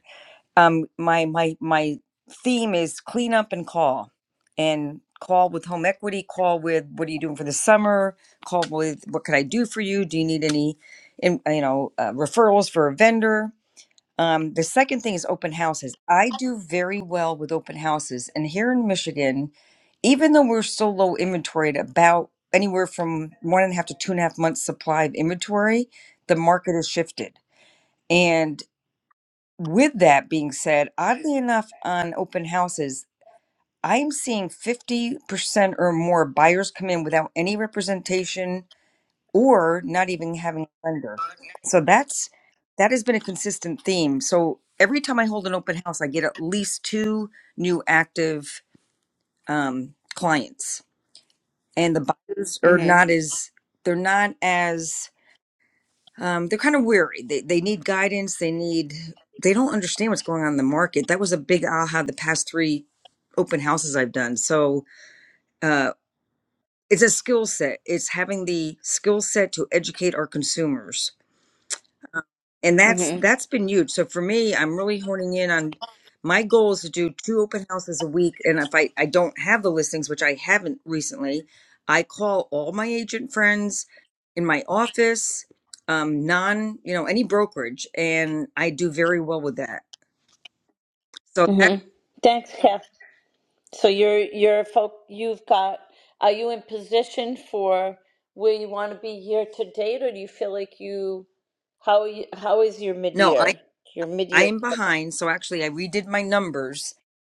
[SPEAKER 10] Um, my, my, my theme is clean up and call and call with home equity, call with what are you doing for the summer? Call with what can I do for you? Do you need any, in, you know, uh, referrals for a vendor? Um, the second thing is open houses. I do very well with open houses. And here in Michigan, even though we're so low inventoried, about anywhere from one and a half to two and a half months supply of inventory, the market has shifted. And with that being said, oddly enough, on open houses, I'm seeing 50% or more buyers come in without any representation or not even having a lender. So that's that has been a consistent theme. So every time I hold an open house, I get at least two new active um, clients, and the buyers are
[SPEAKER 1] Mhm.
[SPEAKER 10] not as they're not as um, they're kind of weary. They they need guidance. They need they don't understand what's going on in the market. That was a big aha the past three open houses I've done. So uh, it's a skill set. It's having the skill set to educate our consumers and that's
[SPEAKER 1] Mhm.
[SPEAKER 10] that's been huge so for me i'm really honing in on my goal is to do two open houses a week and if i i don't have the listings which i haven't recently i call all my agent friends in my office um non you know any brokerage and i do very well with that so that's
[SPEAKER 1] Mhm. Thanks, Kath. So you're you're folk. You've got. Are you in position for where you want to be year to date, or do you feel like you? How are you, how is your mid
[SPEAKER 10] no i
[SPEAKER 1] year? Your mid
[SPEAKER 10] i
[SPEAKER 1] year.
[SPEAKER 10] am behind so actually i redid my numbers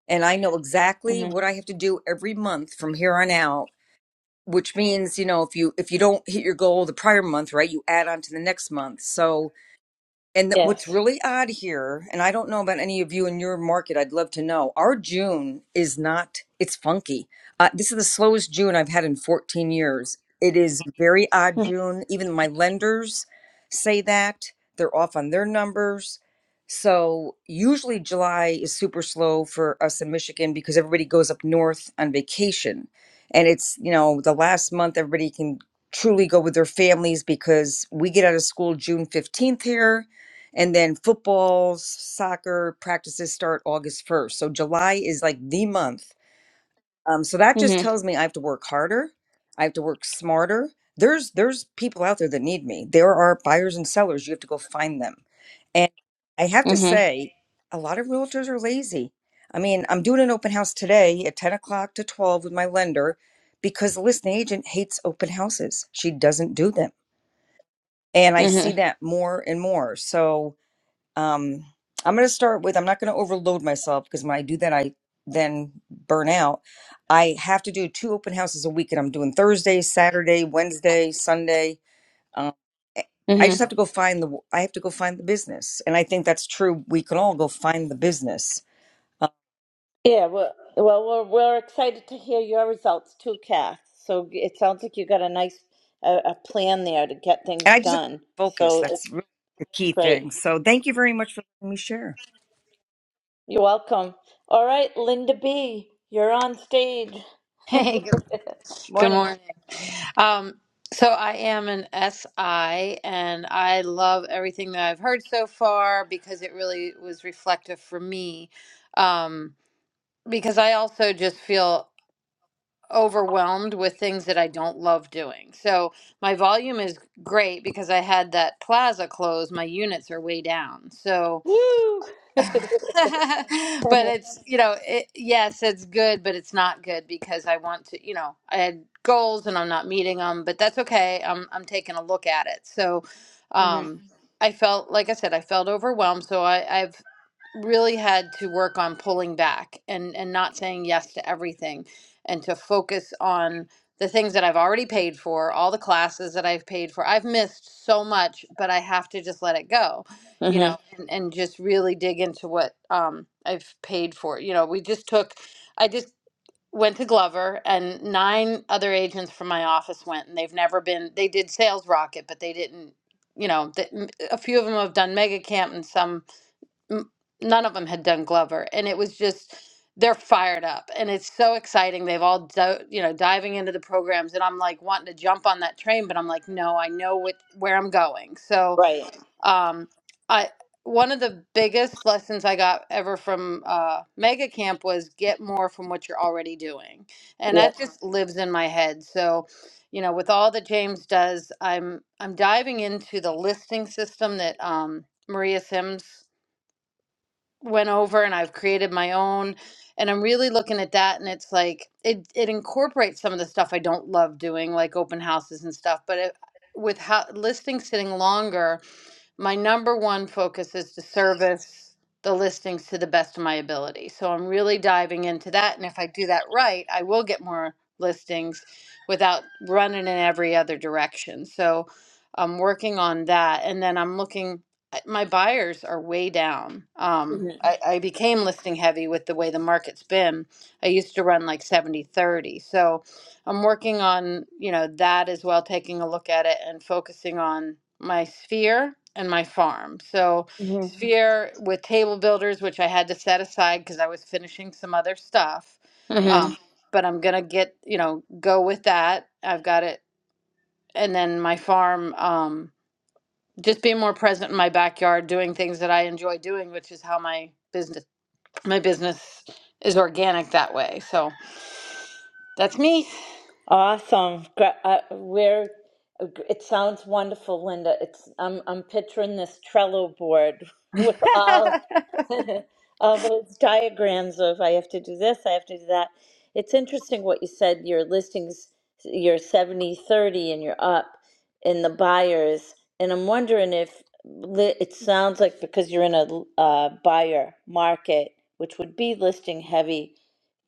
[SPEAKER 10] and i know exactly
[SPEAKER 1] Mhm.
[SPEAKER 10] what i have to do every month from here on out which means you know if you if you don't hit your goal the prior month right you add on to the next month so and th- what's
[SPEAKER 1] Yes.
[SPEAKER 10] really odd here, and I don't know about any of you in your market, I'd love to know. Our June is not, it's funky. Uh, this is the slowest June I've had in 14 years. It is a very odd June. Even my lenders say that. They're off on their numbers. So usually July is super slow for us in Michigan because everybody goes up north on vacation. And it's, you know, the last month everybody can truly go with their families because we get out of school June 15th here and then football, soccer practices start August 1st. So July is like the month. Um, so that just
[SPEAKER 1] Mhm.
[SPEAKER 10] tells me I have to work harder. I have to work smarter. There's there's people out there that need me. There are buyers and sellers. You have to go find them. And I have to
[SPEAKER 1] Mhm.
[SPEAKER 10] say, a lot of realtors are lazy. I mean, I'm doing an open house today at 10 o'clock to 12 with my lender because the listing agent hates open houses. She doesn't do them. And I see
[SPEAKER 1] Mm-hmm.
[SPEAKER 10] that more and more. So um i'm going to start with i'm not going to overload myself because when i do that i then burn out i have to do two open houses a week and i'm doing thursday saturday wednesday sunday um, eh, i just
[SPEAKER 1] Mm-hmm.
[SPEAKER 10] have to go find the i have to go find the business and i think that's true we can all go find the business
[SPEAKER 1] Yeah, well, well, we're we're excited to hear your results too, Kath. So it sounds like you got a nice uh, a plan there to get things
[SPEAKER 10] and i just have to
[SPEAKER 1] done.
[SPEAKER 10] focus
[SPEAKER 1] So it's
[SPEAKER 10] that's really the key
[SPEAKER 1] great.
[SPEAKER 10] thing so thank you very much for letting me share
[SPEAKER 1] You're welcome. All right, Linda B, you're on stage.
[SPEAKER 11] Hey, good, good
[SPEAKER 1] Morning.
[SPEAKER 11] morning. Um, so I am an SI, and I love everything that I've heard so far because it really was reflective for me. Um, because I also just feel overwhelmed with things that I don't love doing. So my volume is great because I had that plaza closed. My units are way down. So
[SPEAKER 1] Woo!
[SPEAKER 11] but it's you know it, yes it's good but it's not good because i want to you know i had goals and i'm not meeting them but that's okay i'm i'm taking a look at it so
[SPEAKER 1] Mm-hmm.
[SPEAKER 11] um i felt like i said i felt overwhelmed so i i've really had to work on pulling back and and not saying yes to everything and to focus on the things that I've already paid for, all the classes that I've paid for. I've missed so much, but I have to just let it go. You know,
[SPEAKER 1] Mm-hmm.
[SPEAKER 11] and just really dig into what um, I've paid for. You know, we just took, I just went to Glover, and nine other agents from my office went, and they've never been. They did Sales Rocket, but they didn't. You know, th- m- a few of them have done Mega Camp, and some, m- none of them had done Glover, and it was just. They're fired up, and it's so exciting. They've all, do, you know, diving into the programs, and I'm like wanting to jump on that train, but I'm like, no, I know what where I'm going. So,
[SPEAKER 1] Right.
[SPEAKER 11] um, I one of the biggest lessons I got ever from uh, Mega Camp was get more from what you're already doing, and
[SPEAKER 1] Yeah.
[SPEAKER 11] that just Mhm. lives in my head. So, you know, with all that James does, I'm I'm diving into the listing system that um, Maria Sims went over, and I've created my own, and I'm really looking at that, and it's like it it incorporates some of the stuff I don't love doing, like open houses and stuff, but it, with how listing sitting longer my number one focus is to service the listings to the best of my ability. So I'm really diving into that. And if I do that right, I will get more listings without running in every other direction. So I'm working on that. And then I'm looking, I- my buyers are way down. Um,
[SPEAKER 1] hmm
[SPEAKER 11] I, I became listing heavy with the way the market's been. I used to run like 70 30. So I'm working on, you know, that as well, taking a look at it and focusing on my sphere and my farm. So, Mhm. sphere with table builders, which I had to set aside because I was finishing some other stuff.
[SPEAKER 1] hmm
[SPEAKER 11] Um, Mhm. but I'm gonna get, you know, go with that. I've got it. And then my farm, um, just being more present in my backyard, doing things that I enjoy doing, which is how my business my business is organic that way. So that's me.
[SPEAKER 1] Awesome. Gra- Uh, we're, it sounds wonderful, Linda. It's I'm I'm picturing this Trello board with all all those diagrams of I have to do this, I have to do that. It's interesting what you said, your listings, your 70 30 and you're up in the buyers. And I'm wondering if li- it sounds like because you're in a l- uh, buyer market, which would be listing heavy,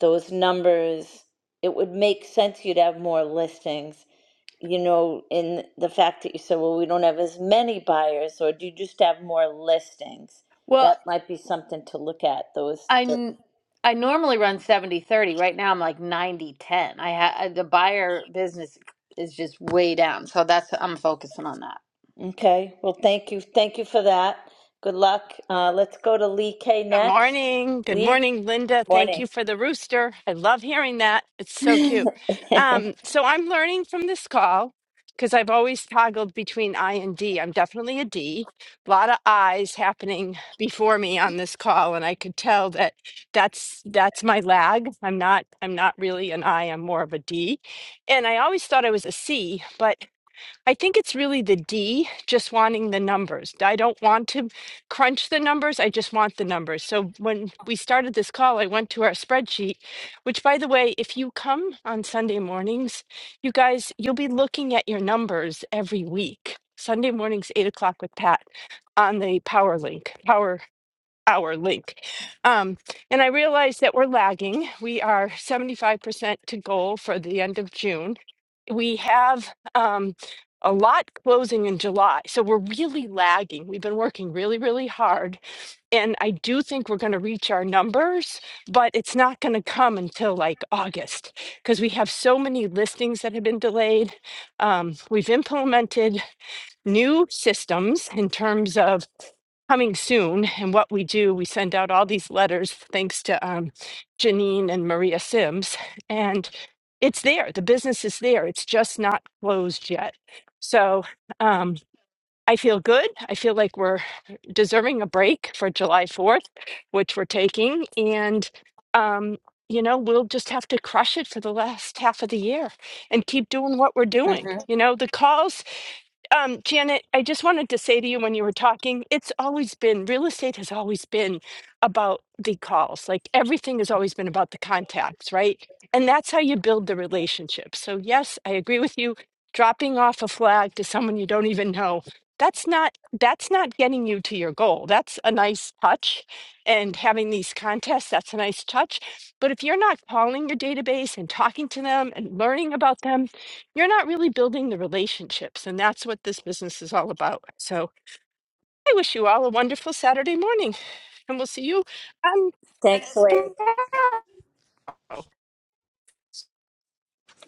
[SPEAKER 1] those numbers, it would make sense you'd have more listings you know, in the fact that you said, well, we don't have as many buyers, or do you just have more listings?
[SPEAKER 11] Well,
[SPEAKER 1] That might be something to look at. Those.
[SPEAKER 11] I
[SPEAKER 1] the-
[SPEAKER 11] n- I normally run 70 30. Right now I'm like 90 10. I ha- the buyer business is just way down. So that's I'm focusing on that.
[SPEAKER 1] Okay. Well, thank you. Thank you for that. Good luck. Uh, let's go to Lee K
[SPEAKER 12] Good
[SPEAKER 1] next.
[SPEAKER 12] morning. Good
[SPEAKER 1] Lee,
[SPEAKER 12] morning, Linda. Thank
[SPEAKER 1] morning.
[SPEAKER 12] you for the rooster. I love hearing that. It's so cute.
[SPEAKER 1] Mhm.
[SPEAKER 12] Um, so I'm learning from this call because I've always toggled between I and D. I'm definitely a D. A lot of I's happening before me on this call, and I could tell that that's that's my lag. I'm not I'm not really an I. I'm more of a D. And I always thought I was a C, but I think it's really the D, just wanting the numbers. I don't want to crunch the numbers. I just want the numbers. So when we started this call, I went to our spreadsheet, which, by the way, if you come on Sunday mornings, you guys, you'll be looking at your numbers every week. Sunday mornings, eight o'clock with Pat on the Power Link, our link. Um, and I realize that we're lagging. We are 75% to goal for the end of June. We have um, a lot closing in July. So we're really lagging. We've been working really, really hard. And I do think we're going to reach our numbers, but it's not going to come until like August because we have so many listings that have been delayed. Um, we've implemented new systems in terms of coming soon. And what we do, we send out all these letters, thanks to um, Janine and Maria Sims. And it's there, the business is there, it's just not closed yet. So um, I feel good. I feel like we're deserving a break for July 4th, which we're taking. And um, you know, we'll just have to crush it for the last half of the year and keep doing what we're doing. You know, the calls um, Janet, I just wanted to say to you when you were talking, it's always been real estate has always been about the calls. Like everything has always been about the contacts, right? And that's how you build the relationship. So, yes, I agree with you. Dropping off a flag to someone you don't even know, that's not that's not getting you to your goal. That's a nice touch. And having these contests, that's a nice touch. But if you're not calling your database and talking to them and learning about them you're not really building the relationships. And that's what this business is all about. So I wish you all a wonderful Saturday morning. And we'll see you um,
[SPEAKER 1] Thanks, Lee.
[SPEAKER 12] tomorrow.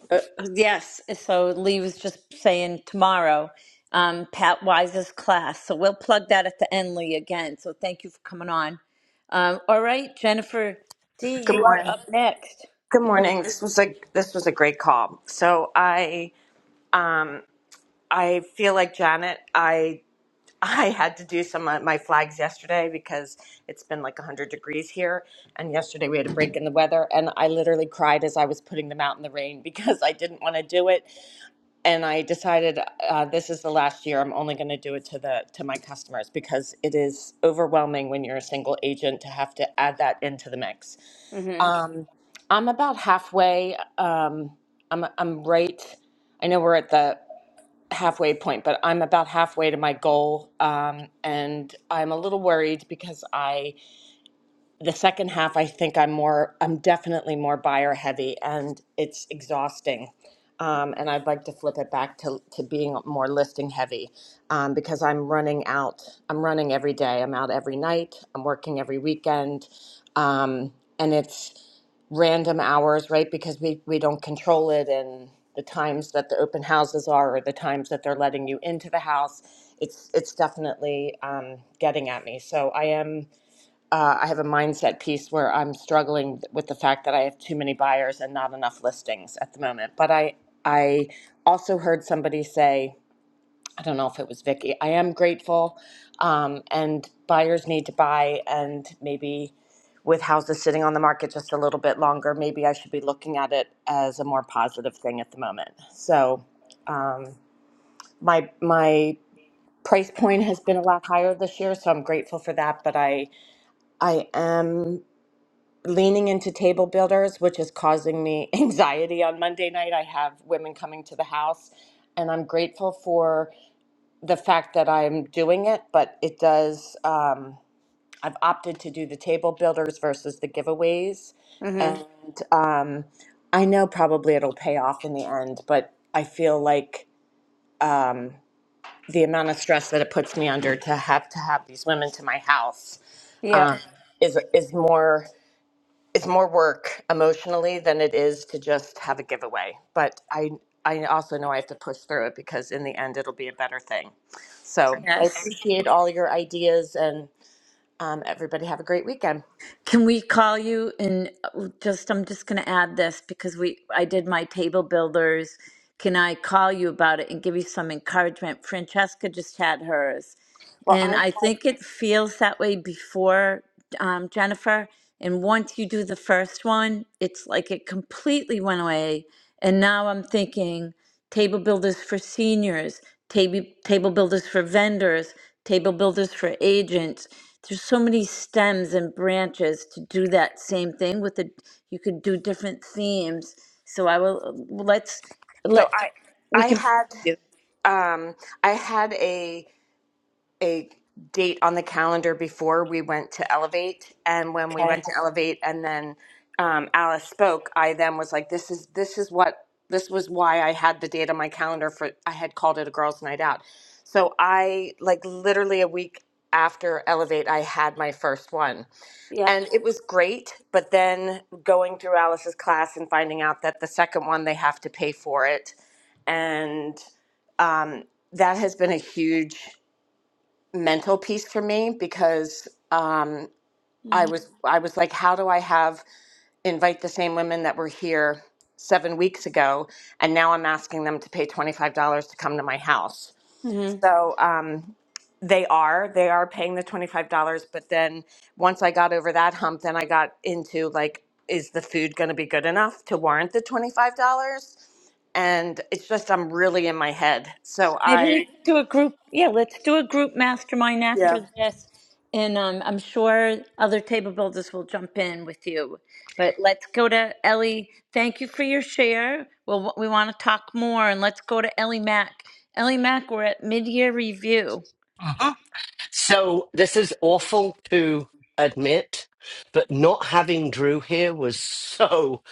[SPEAKER 1] Uh, yes. So Lee was just saying tomorrow, um, Pat Wise's class. So we'll plug that at the end, Lee, again. So thank you for coming on. Um, all right, Jennifer D,
[SPEAKER 13] Good
[SPEAKER 1] you are
[SPEAKER 13] morning.
[SPEAKER 1] up next.
[SPEAKER 13] Good morning. This was a this was a great call. So I um I feel like Janet. I I had to do some of my flags yesterday because it's been like 100 degrees here and yesterday we had a break in the weather and I literally cried as I was putting them out in the rain because I didn't want to do it and I decided uh, this is the last year. I'm only going to do it to the to my customers because it is overwhelming when you're a single agent to have to add that into the mix.
[SPEAKER 1] Mm-hmm.
[SPEAKER 13] Um, I'm about halfway. Um, I'm I'm right. I know we're at the halfway point, but I'm about halfway to my goal, um, and I'm a little worried because I the second half i think i'm more i'm definitely more buyer heavy and it's exhausting um, and i'd like to flip it back to, to being more listing heavy um, because i'm running out i'm running every day i'm out every night i'm working every weekend um, and it's random hours right because we, we don't control it and the times that the open houses are or the times that they're letting you into the house it's it's definitely um, getting at me so i am uh, I have a mindset piece where I'm struggling with the fact that I have too many buyers and not enough listings at the moment. But I I also heard somebody say, I don't know if it was Vicky, I am grateful, um, and buyers need to buy, and maybe with houses sitting on the market just a little bit longer, maybe I should be looking at it as a more positive thing at the moment. So um, my my price point has been a lot higher this year, so I'm grateful for that. But I I am leaning into table builders, which is causing me anxiety on Monday night. I have women coming to the house, and I'm grateful for the fact that I'm doing it, but it does, um, I've opted to do the table builders versus the giveaways.
[SPEAKER 1] Mm-hmm.
[SPEAKER 13] And um, I know probably it'll pay off in the end, but I feel like um, the amount of stress that it puts me under to have to have these women to my house
[SPEAKER 1] Yep.
[SPEAKER 13] um, is is more it's more work emotionally than it is to just have a giveaway. But I I also know I have to push through it because in the end it'll be a better thing. So I
[SPEAKER 1] Yes.
[SPEAKER 13] appreciate all your ideas and um, everybody have a great weekend.
[SPEAKER 1] Can we call you and uh, just I'm just going to add this because we I did my table builders. Can I call you about it and give you some encouragement? Francesca just had hers.
[SPEAKER 13] Well,
[SPEAKER 1] And
[SPEAKER 13] I
[SPEAKER 1] I think it feels that way before, um, Jennifer. And once you do the first one, it's like it completely went away. And now I'm thinking table builders for seniors, table, table builders for vendors, table builders for agents. There's so many stems and branches to do that same thing with the, you could do different themes. So I will, let's,
[SPEAKER 13] so
[SPEAKER 1] let,
[SPEAKER 13] I
[SPEAKER 1] we
[SPEAKER 13] I
[SPEAKER 1] can.
[SPEAKER 13] had um, I had a a date on the calendar before we went to Elevate. And when we went to Elevate and then um, Alice spoke, I then was like, this is, this is what, this was why I had the date on my calendar for, I had called it a girls' night out. So I, like, literally a week after Elevate, I had my first one. And it was great. But then going through Alice's class and finding out that the second one, they have to pay for it. And um, that has been a huge mental piece for me because um, I
[SPEAKER 1] Yep.
[SPEAKER 13] was I was like, how do I have invite the same women that were here seven weeks ago, and now I'm asking them to pay twenty five dollars to come to my house. So um, they are they are paying the twenty five dollars, but then once I got over that hump, then I got into like, is the food going to be good enough to warrant the twenty five dollars? And it's just I'm really in my head, so
[SPEAKER 1] Maybe we
[SPEAKER 13] I
[SPEAKER 1] can do a group. Yeah, let's do a group mastermind
[SPEAKER 13] yeah.
[SPEAKER 1] after this. And um, I'm sure other table builders will jump in with you. But let's go to Ellie. Thank you for your share. Well, we want to talk more, and let's go to Ellie Mack. Ellie Mack, we're at mid-year review.
[SPEAKER 14] Uh-huh. So this is awful to admit, but not having Drew here was so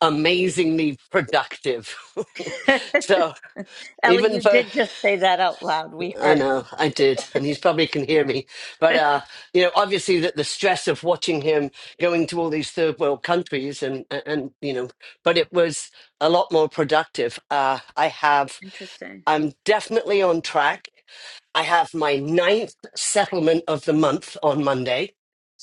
[SPEAKER 14] amazingly productive. so
[SPEAKER 1] Ellie,
[SPEAKER 14] even
[SPEAKER 1] you
[SPEAKER 14] though
[SPEAKER 1] did just say that out loud. We
[SPEAKER 14] I
[SPEAKER 1] heard.
[SPEAKER 14] know I did, and he's probably can hear me, but uh, you know, obviously that the stress of watching him going to all these third world countries and and and, you know, but it was a lot more productive. Uh, I have.
[SPEAKER 1] Interesting.
[SPEAKER 14] I'm definitely on track. I have my ninth settlement of the month on Monday.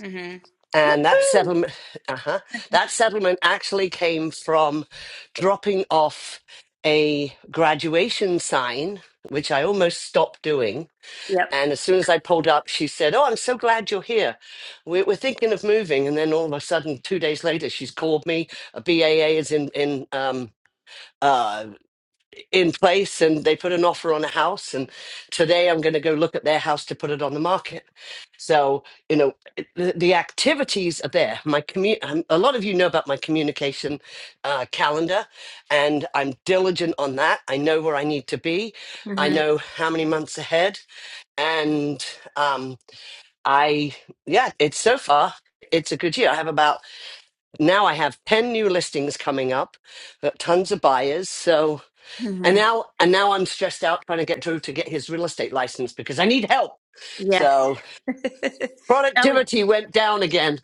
[SPEAKER 1] Mm-hmm.
[SPEAKER 14] And that settlement, uh-huh, that settlement actually came from dropping off a graduation sign, which I almost stopped doing.
[SPEAKER 1] Yep.
[SPEAKER 14] And as soon as I pulled up, she said, "Oh, I'm so glad you're here. We're, we're thinking of moving." And then all of a sudden, two days later, she's called me. A B A A is in in um, uh in place and they put an offer on a house and today i'm going to go look at their house to put it on the market so you know it- the, the activities are there my commu- um, a lot of you know about my communication uh, calendar and i'm diligent on that i know where i need to be i
[SPEAKER 1] Mm-hmm.
[SPEAKER 14] know how many months ahead and um, i yeah it's so far it's a good year i have about now i have 10 new listings coming up Got tons of buyers so and
[SPEAKER 1] Mm-hmm.
[SPEAKER 14] now, and now I'm stressed out trying to get Drew to get his real estate license because I need help.
[SPEAKER 1] Yes.
[SPEAKER 14] So
[SPEAKER 1] Ellie,
[SPEAKER 14] productivity went down again.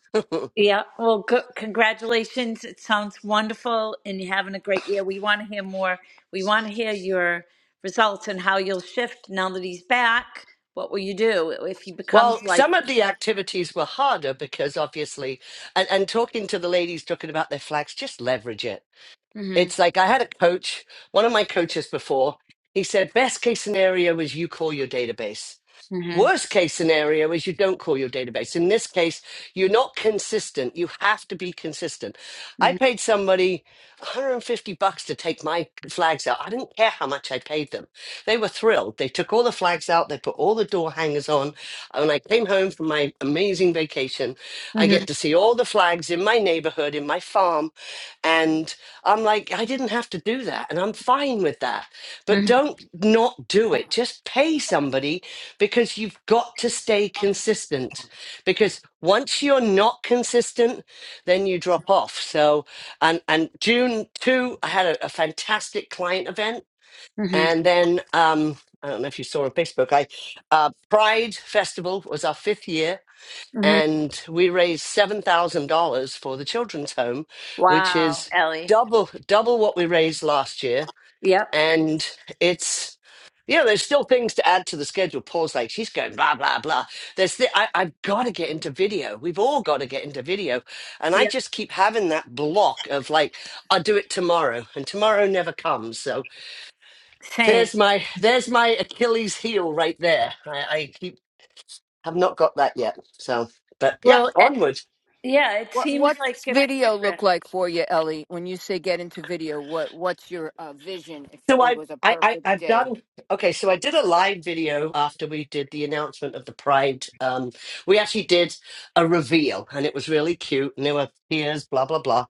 [SPEAKER 1] Yeah, well, c- congratulations. It sounds wonderful, and you're having a great year. We want to hear more. We want to hear your results and how you'll shift now that he's back. What will you do if he becomes
[SPEAKER 14] Well,
[SPEAKER 1] like?
[SPEAKER 14] some of the activities were harder because obviously, and, and talking to the ladies talking about their flags, just leverage it.
[SPEAKER 1] hmm
[SPEAKER 14] It's like I had a coach, one of my coaches before, he said, best case scenario is you call your database.
[SPEAKER 1] hmm
[SPEAKER 14] Worst case scenario is you don't call your database. In this case, you're not consistent. You have to be consistent. I
[SPEAKER 1] hmm
[SPEAKER 14] paid somebody 150 bucks to take my flags out. I didn't care how much I paid them. They were thrilled. They took all the flags out, they put all the door hangers on. And When I came home from my amazing vacation, I get
[SPEAKER 1] hmm
[SPEAKER 14] to see all the flags in my neighborhood, in my farm. And I'm like, I didn't have to do that. And I'm fine with that. But don't not do it. Just pay somebody because you've got to stay consistent because once you're not consistent then you drop off so and and june 2 i had a, a fantastic client event
[SPEAKER 1] hmm
[SPEAKER 14] and then um i don't know if you saw on facebook i uh pride festival was our fifth year
[SPEAKER 1] hmm
[SPEAKER 14] and we raised $7000 for the children's home which
[SPEAKER 1] Wow,
[SPEAKER 14] is
[SPEAKER 1] Ellie.
[SPEAKER 14] double double what we raised last year
[SPEAKER 1] Yep.
[SPEAKER 14] and it's you know there's still things to add to the schedule paul's like she's going blah blah blah there's the, I, i've got to get into video we've all got to get into video and i
[SPEAKER 1] Yep.
[SPEAKER 14] just keep having that block of like i'll do it tomorrow and tomorrow never comes so
[SPEAKER 1] Same.
[SPEAKER 14] there's my there's my achilles heel right there i, I keep have not got that yet so but yeah
[SPEAKER 1] Well, eh,
[SPEAKER 14] onward
[SPEAKER 1] yeah. It
[SPEAKER 3] What what
[SPEAKER 1] seems like
[SPEAKER 3] does
[SPEAKER 1] if we
[SPEAKER 3] video
[SPEAKER 1] drift.
[SPEAKER 3] look like for you, Ellie? When you say get into video, what what's your uh, vision if
[SPEAKER 14] So
[SPEAKER 3] it
[SPEAKER 14] I,
[SPEAKER 3] was a
[SPEAKER 14] I, I,
[SPEAKER 3] perfect
[SPEAKER 14] I've
[SPEAKER 3] day?
[SPEAKER 14] done okay. So I did a live video after we did the announcement of the Pride. Um, we actually did a reveal, and it was really cute. And there were tears, blah blah blah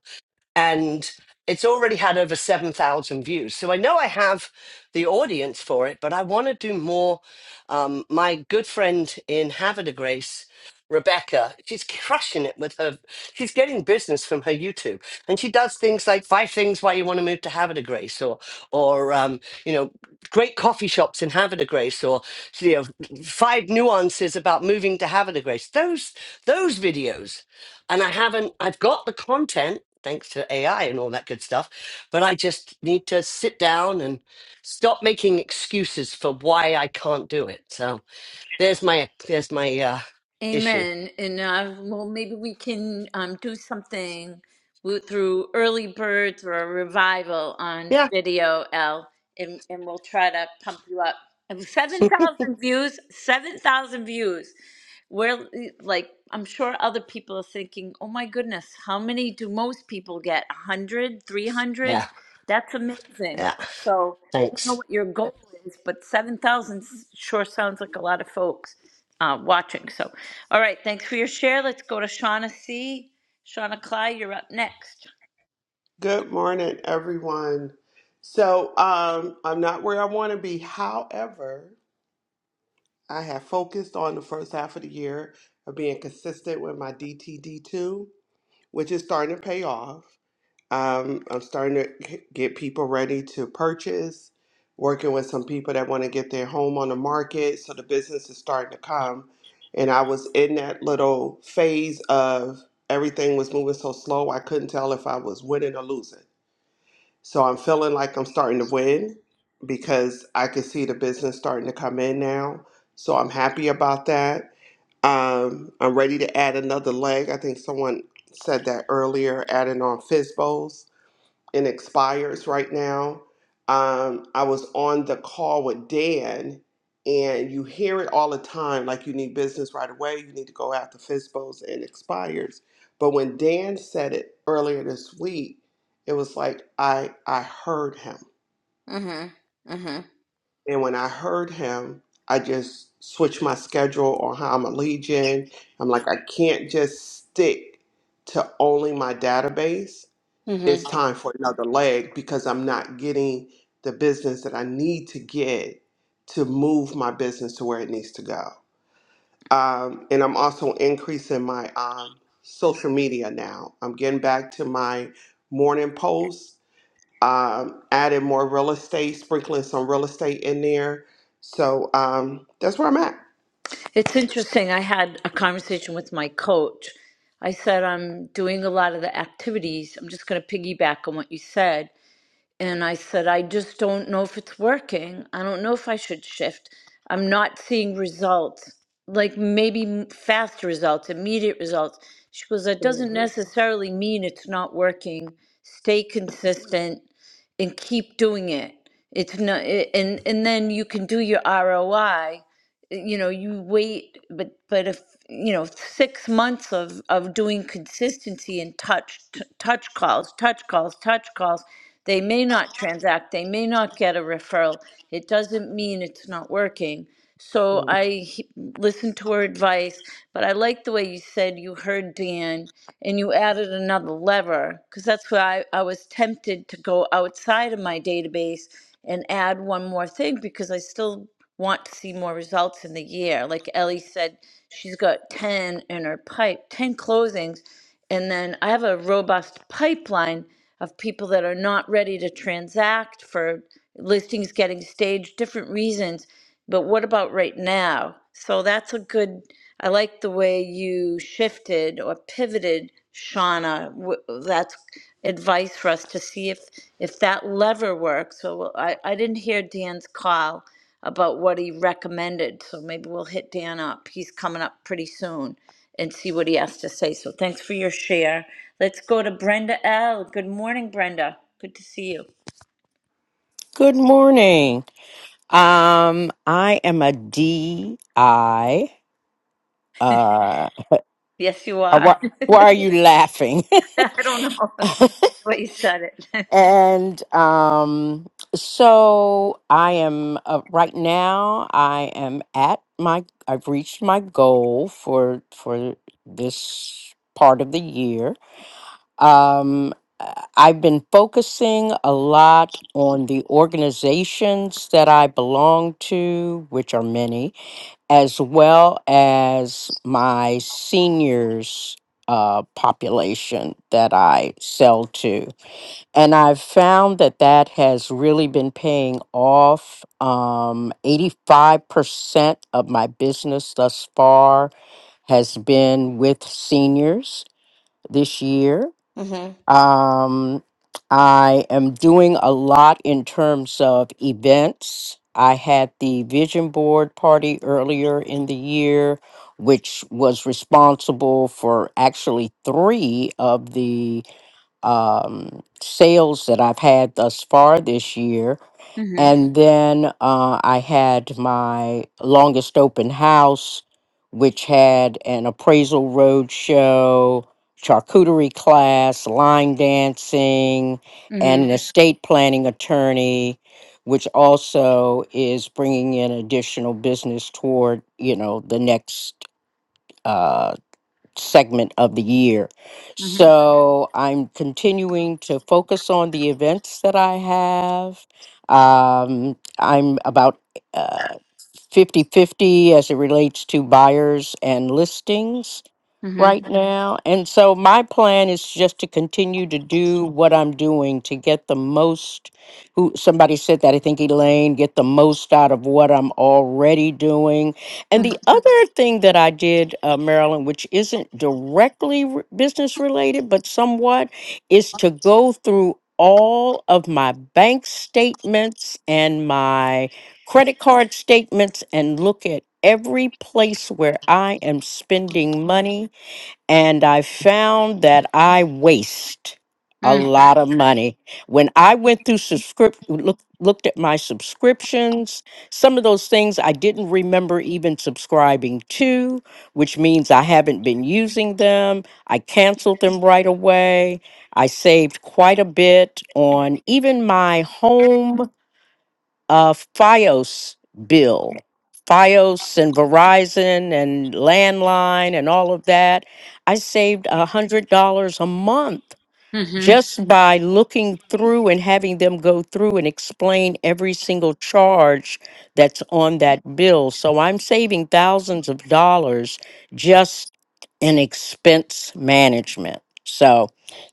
[SPEAKER 14] and it's already had over 7,000 views. So I know I have the audience for it, but I want to do more. Um, my good friend in Havre de Grace, Rebecca, she's crushing it with her. She's getting business from her YouTube, and she does things like five things why you want to move to Havre de Grace, or, or um, you know, great coffee shops in Havre de Grace, or you know, five nuances about moving to Havre de Grace. Those those videos and I haven't, I've got the content thanks to AI and all that good stuff, but I just need to sit down and stop making excuses for why I can't do it. So there's my, there's my, uh, issue.
[SPEAKER 1] Amen. And uh, well, maybe we can um, do something with, through early birds or a revival on
[SPEAKER 14] Yeah.
[SPEAKER 1] video, L, and, and we'll try to pump you up. And 7,000 views, 7,000 views. We're like, I'm sure other people are thinking, oh my goodness, how many do most people get? 100, three hundred.
[SPEAKER 14] Yeah.
[SPEAKER 1] That's amazing.
[SPEAKER 14] Yeah.
[SPEAKER 1] So, don't know
[SPEAKER 14] Thanks.
[SPEAKER 1] what your goal is, but 7,000 sure sounds like a lot of folks uh, watching. So, all right, thanks for your share. Let's go to Shauna C. Shauna Cly, you're up next.
[SPEAKER 15] Good morning, everyone. So, um, I'm not where I want to be. However, I have focused on the first half of the year of being consistent with my DTD2, which is starting to pay off. Um, I'm starting to get people ready to purchase, working with some people that want to get their home on the market. So, the business is starting to come. And I was in that little phase of everything was moving so slow, I couldn't tell if I was winning or losing. So I'm feeling like I'm starting to win because I can see the business starting to come in now. So I'm happy about that. Um, I'm ready to add another leg. I think someone said that earlier, adding on FISBOs and expires right now. Um, I was on the call with Dan, and you hear it all the time like you need business right away, you need to go after FISBOs and expires. But when Dan said it earlier this week, it was like I I heard him.
[SPEAKER 1] hmm hmm
[SPEAKER 15] And when I heard him, I just switched my schedule on how I'm a legion. I'm like, I can't just stick to only my database
[SPEAKER 1] hmm
[SPEAKER 15] it's time for another leg because I'm not getting the business that I need to get to move my business to where it needs to go. Um, and I'm also increasing my um, social media now. I'm getting back to my morning posts, um, adding more real estate, sprinkling some real estate in there. So um, that's where I'm at.
[SPEAKER 1] It's interesting. I had a conversation with my coach. I said, I'm doing a lot of the activities. I'm just going to piggyback on what you said. And I said, I just don't know if it's working. I don't know if I should shift. I'm not seeing results, like maybe m- fast results, immediate results. She goes, That doesn't necessarily mean it's not working. Stay consistent and keep doing it. It's not, eh, and, and then you can do your ROI you know you wait but but if you know six months of of doing consistency and touch t- touch calls touch calls touch calls they may not transact they may not get a referral it doesn't mean it's not working so
[SPEAKER 15] Mm.
[SPEAKER 1] i he- listened to her advice but i like the way you said you heard dan and you added another lever because that's why I, I was tempted to go outside of my database and add one more thing because i still want to see more results in the year. Like Ellie said, she's got 10 in her pipe, 10 closings. And then I have a robust pipeline of people that are not ready to transact for listings getting staged, different reasons. But what about right now? So that's a good, I like the way you shifted or pivoted, Shauna. W- That's advice for us to see if if that lever works. So well, I, I didn't hear Dan's call about what he recommended. So maybe we'll hit Dan up. He's coming up pretty soon and see what he has to say. So thanks for your share. Let's go to Brenda L. Good morning, Brenda. Good to see you.
[SPEAKER 16] Good morning. Um, I am a D. I Uh,
[SPEAKER 1] Yes, you
[SPEAKER 16] uh,
[SPEAKER 1] are.
[SPEAKER 16] why, why are you laughing?
[SPEAKER 1] I don't know what you said it.
[SPEAKER 16] and um, so I am uh, right now. I am at my. I've reached my goal for for this part of the year. Um, uh, I've been focusing a lot on the organizations that I belong to, which are many as well as my seniors uh, population that I sell to. And I've found that that has really been paying off. Um, 85% of my business thus far has been with seniors this year.
[SPEAKER 1] Mm-hmm.
[SPEAKER 16] Um, I am doing a lot in terms of events. I had the vision board party earlier in the year, which was responsible for actually three of the um, sales that I've had thus far this year.
[SPEAKER 1] Mm-hmm.
[SPEAKER 16] And then uh, I had my longest open house, which had an appraisal road show, charcuterie class, line dancing, and
[SPEAKER 1] Mm-hmm.
[SPEAKER 16] an estate planning attorney, which also is bringing in additional business toward you know the next. uh, segment of the year. So I'm continuing to focus on the events that I have. Um, I'm about uh, 50 fifty as it relates to buyers and listings
[SPEAKER 1] Mm-hmm.
[SPEAKER 16] right now. And so my plan is just to continue to do what I'm doing to get the most who somebody said that I think Elaine get the most out of what I'm already doing and the other thing that I did, uh, Marilyn, which isn't directly re- business related, but somewhat, is to go through all of my bank statements and my credit card statements and look at every place where I am spending money and I found that I waste a
[SPEAKER 1] Mm-hmm.
[SPEAKER 16] lot of money. When I went through subscript look, looked at my subscriptions, some of those things I didn't remember even subscribing to, which means I haven't been using them. I canceled them right away. I saved quite a bit on even my home uh, FiOS bill, FiOS and Verizon and landline and all of that. I saved a $100 a month
[SPEAKER 1] Mm-hmm.
[SPEAKER 16] just by looking through and having them go through and explain every single charge that's on that bill. So I'm saving thousands of dollars just in expense management. So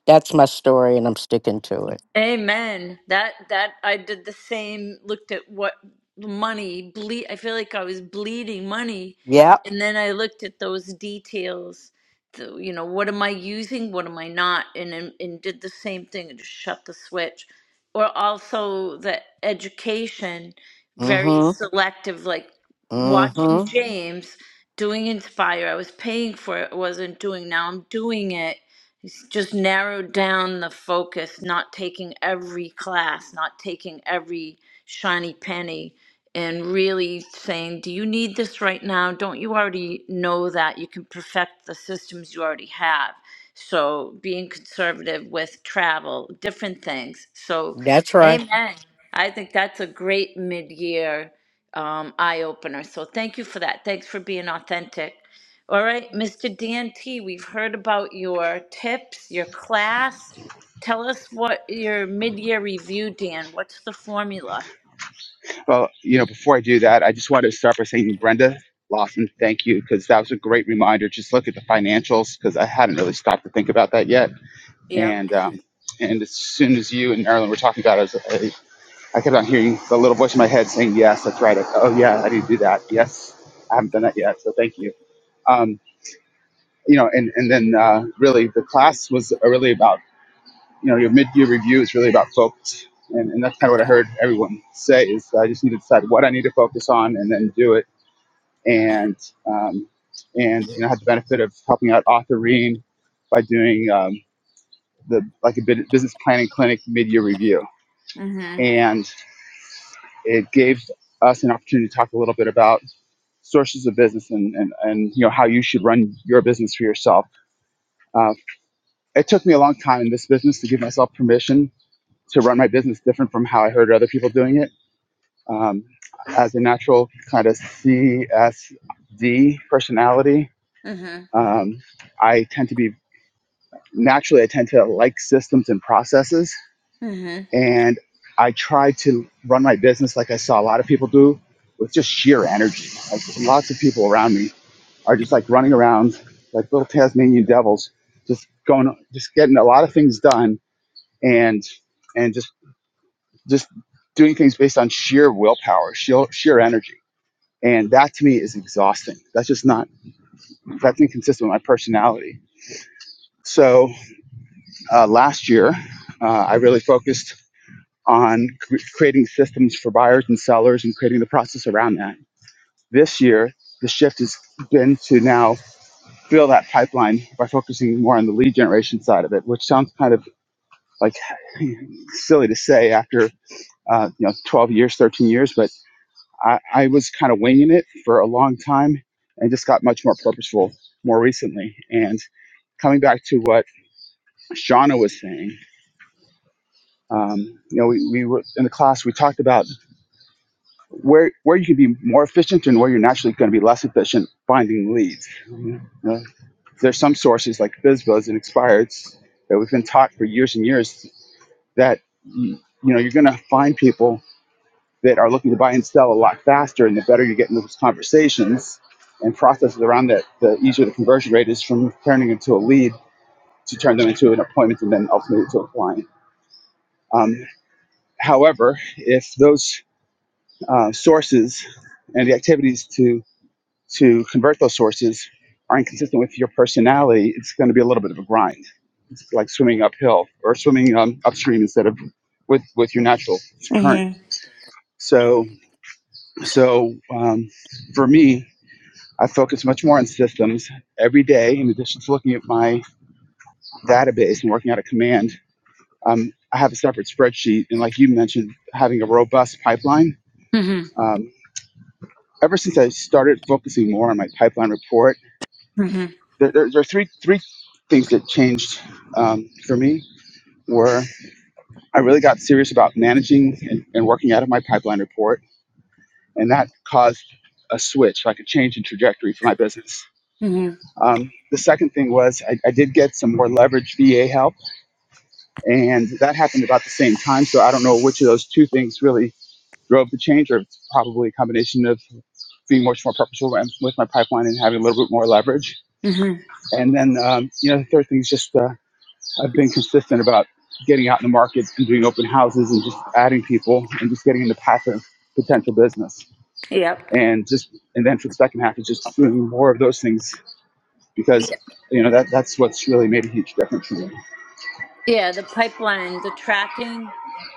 [SPEAKER 16] that's my story and I'm sticking to it.
[SPEAKER 1] Amen. That that I did the same. Looked at what money bleed. I feel like I was bleeding money,
[SPEAKER 16] Yep.
[SPEAKER 1] and then I looked at those details. The, you know, what am I using? What am I not? And, and and did the same thing and just shut the switch. Or also the education, very Mhm.
[SPEAKER 16] Mm-hmm.
[SPEAKER 1] selective. Like watching Mhm.
[SPEAKER 16] Mm-hmm.
[SPEAKER 1] James doing Inspire. I was paying for it. I wasn't doing. Now I'm doing it it's just narrowed down the focus, not taking every class, not taking every shiny penny, and really saying, Do you need this right now? Don't you already know that? You can perfect the systems you already have. So, being conservative with travel, different things. So,
[SPEAKER 16] That's right.
[SPEAKER 1] amen. I think that's a great mid year um, eye opener. So, thank you for that. Thanks for being authentic all right, Mr. Dan T, we've heard about your tips, your class. Tell us what your mid-year review, Dan. What's the formula?
[SPEAKER 17] Well, you know, before I do that, I just wanted to start by saying, Brenda Lawson, thank you, because that was a great reminder. Just look at the financials, because I hadn't really stopped to think about that yet.
[SPEAKER 1] Yep.
[SPEAKER 17] And um, and as soon as you and Marilyn were talking about it, I, was, I, I kept on hearing the little voice in my head saying, yes, that's right. I, Oh, yeah, I need to do that. Yes, I haven't done that yet, so thank you. Um, you know, and, and then uh, really the class was really about, you know, your mid-year review is really about focus. And, and that's kind of what I heard everyone say is I just need to decide what I need to focus on and then do it and um, and you know had the benefit of helping out author Ream by doing um, the like a bit business planning clinic mid year review,
[SPEAKER 1] Mhm.
[SPEAKER 17] and it gave us an opportunity to talk a little bit about sources of business and and, and you know how you should run your business for yourself. Uh, it took me a long time in this business to give myself permission to run my business different from how I heard other people doing it. Um, as a natural kind of CSD personality,
[SPEAKER 1] Mhm.
[SPEAKER 17] um, I tend to be naturally I tend to like systems and processes.
[SPEAKER 1] Mhm.
[SPEAKER 17] And I try to run my business like I saw a lot of people do with just sheer energy. Like lots of people around me are just like running around like little Tasmanian devils, just going, just getting a lot of things done and, and just, just doing things based on sheer willpower, sheer, sheer energy. And that to me is exhausting. That's just not, that's inconsistent with my personality. So uh, last year, uh, I really focused on cr- creating systems for buyers and sellers and creating the process around that. This year, the shift has been to now fill that pipeline by focusing more on the lead generation side of it, which sounds kind of like silly to say after uh, you know 12 years, 13 years, but I, I was kind of winging it for a long time and just got much more purposeful more recently. And coming back to what Shauna was saying, um, you know, we, we were in the class, we talked about where where you can be more efficient and where you're naturally going to be less efficient finding leads. You know, there's some sources like BizBuzz and Expireds that we've been taught for years and years that you know you're going to find people that are looking to buy and sell a lot faster, and the better you get in those conversations and processes around that, the easier the conversion rate is from turning into a lead to turn them into an appointment and then ultimately to a client. Um, however, if those uh, sources and the activities to to convert those sources are inconsistent with your personality, it's going to be a little bit of a grind. It's like swimming uphill or swimming um, upstream instead of with with your natural current.
[SPEAKER 1] Mhm.
[SPEAKER 17] So so um, for me, I focus much more on systems every day. In addition to looking at my database and working out a command, um, I have a separate spreadsheet. And like you mentioned, having a robust pipeline.
[SPEAKER 1] Mhm.
[SPEAKER 17] Um, ever since I started focusing more on my pipeline report
[SPEAKER 1] Mhm.
[SPEAKER 17] there, there, there are three three things that changed um, for me were I really got serious about managing and, and working out of my pipeline report, and that caused a switch, like a change in trajectory for my business.
[SPEAKER 1] Mhm.
[SPEAKER 17] Um, the second thing was I, I did get some more leverage VA help, and that happened about the same time. So I don't know which of those two things really drove the change, or it's probably a combination of being much more purposeful with with my pipeline and having a little bit more leverage.
[SPEAKER 1] Mhm.
[SPEAKER 17] And then, um, you know, the third thing is just uh, I've been consistent about getting out in the market and doing open houses and just adding people and just getting into passive potential business.
[SPEAKER 1] Yep.
[SPEAKER 17] And just and then for the second half is just doing more of those things because you know that that's what's really made a huge difference for me.
[SPEAKER 1] Yeah, the pipeline, the tracking.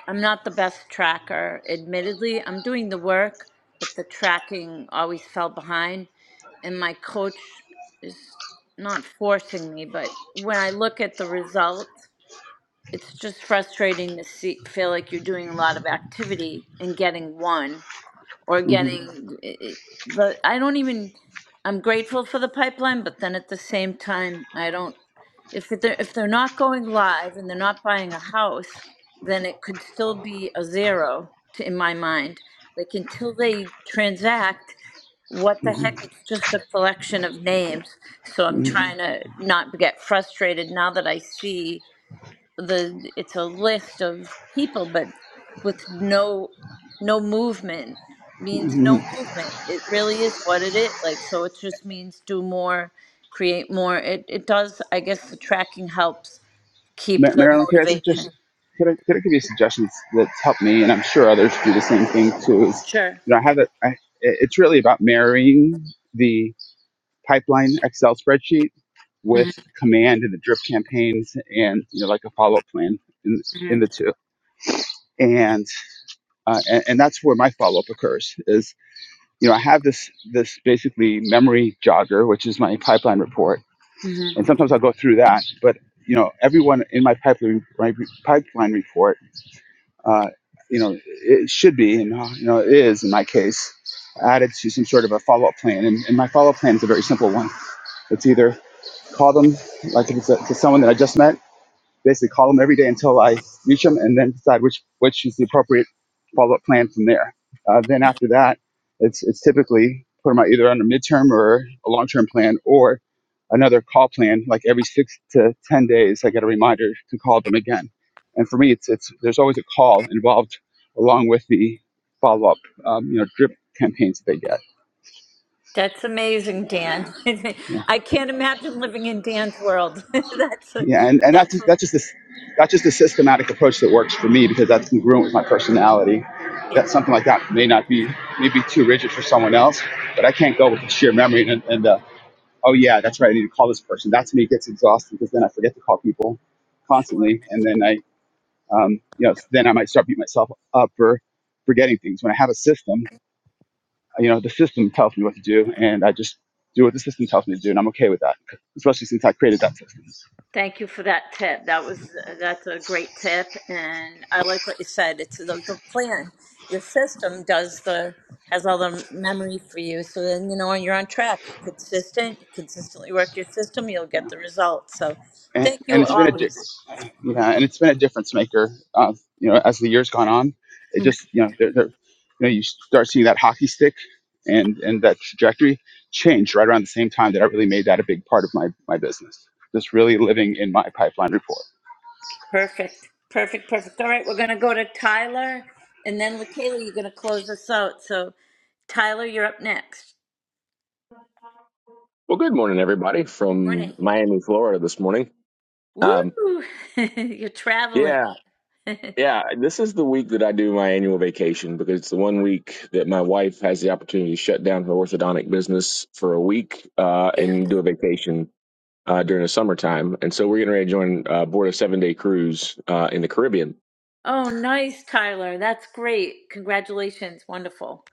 [SPEAKER 1] I'm not the best tracker, admittedly. I'm doing the work, but the tracking always fell behind. And my coach is not forcing me, but when I look at the results, it's just frustrating to see, feel like you're doing a lot of activity and getting one or
[SPEAKER 17] Mhm,
[SPEAKER 1] getting it, the I don't even I'm grateful for the pipeline, but then at the same time I don't if they're if they're not going live and they're not buying a house, then it could still be a zero to, in my mind. Like until they transact, what the heck?
[SPEAKER 17] mhm,
[SPEAKER 1] It's just a collection of names. So I'm
[SPEAKER 17] mhm,
[SPEAKER 1] trying to not get frustrated now that I see the it's a list of people but with no no movement means no Mhm.
[SPEAKER 17] mhm.
[SPEAKER 1] movement it really is what it is like so it just means do more create more it it does i guess the tracking helps keep
[SPEAKER 17] Ma-
[SPEAKER 1] the Mhm.
[SPEAKER 17] Marilyn, could I suggest
[SPEAKER 1] motivation
[SPEAKER 17] could I, could I give you suggestions that's helped me and I'm sure others do the same thing too is
[SPEAKER 1] sure
[SPEAKER 17] you know I have that I it- it's really about marrying the pipeline Excel spreadsheet with
[SPEAKER 1] hmm
[SPEAKER 17] command and the drip campaigns and you know like a follow up plan in
[SPEAKER 1] hmm
[SPEAKER 17] in the two. And uh, and, and that's where my follow up occurs is you know I have this this basically memory jogger which is my pipeline report
[SPEAKER 1] hmm
[SPEAKER 17] and sometimes I'll go through that but you know everyone in my pipeline my pipeline report uh, you know it should be and uh, you know it is in my case added to some sort of a follow up plan and, and my follow up plan is a very simple one it's either call them like if it's, a, if it's someone that I just met, basically call them every day until I reach them, and then decide which which is the appropriate follow up plan from there. Uh, then after that, it's it's typically put them out either on a midterm or a long term plan or another call plan. Like every six to ten days, I get a reminder to call them again. And for me, it's it's there's always a call involved along with the follow up, um, you know, drip campaigns that they get.
[SPEAKER 1] that's amazing dan i can't imagine living in dan's world that's a,
[SPEAKER 17] Yeah, and, and that's
[SPEAKER 1] that's
[SPEAKER 17] just,
[SPEAKER 1] a,
[SPEAKER 17] that's just this that's just a systematic approach that works for me because that's congruent with my personality.
[SPEAKER 1] yeah
[SPEAKER 17] That something like that may not be maybe too rigid for someone else, but I can't go with the sheer memory and, and uh, oh yeah, that's right, I need to call this person. That to me gets exhausting because then I forget to call people
[SPEAKER 1] sure
[SPEAKER 17] constantly, and then I um, you know then I might start beating myself up for forgetting things. When I have a system, you know the system tells me what to do, and I just do what the system tells me to do, and I'm okay with that, especially since I created that system.
[SPEAKER 1] Thank you for that tip. That was that's a great tip, and I like what you said. It's the, the plan. Your system does the has all the memory for you, so then you know you're on track. You're consistent. You consistently work your system. You'll get the results. So,
[SPEAKER 17] and,
[SPEAKER 1] thank you
[SPEAKER 17] and it's been a di-
[SPEAKER 1] always.
[SPEAKER 17] yeah, and it's been a difference maker. Uh, you know, as the years gone on, it
[SPEAKER 1] Mm,
[SPEAKER 17] just you know, they're, they're, you know, you start seeing that hockey stick and and that trajectory change right around the same time that I really made that a big part of my my business. Just really living in my pipeline report.
[SPEAKER 1] Perfect. Perfect. Perfect. All right, we're gonna go to Tyler, and then Lakayla, you're gonna close us out. So, Tyler, you're up next.
[SPEAKER 18] Well, good morning, everybody
[SPEAKER 1] Morning.
[SPEAKER 18] from Miami, Florida this morning. Um,
[SPEAKER 1] Woo! you're traveling.
[SPEAKER 18] yeah, yeah, this is the week that I do my annual vacation because it's the one week that my wife has the opportunity to shut down her orthodontic business for a week uh, and do a vacation uh, during the summertime. And so we're getting ready to join uh, board a seven day cruise uh, in the Caribbean.
[SPEAKER 1] Oh, nice, Tyler. That's great. Congratulations. Wonderful.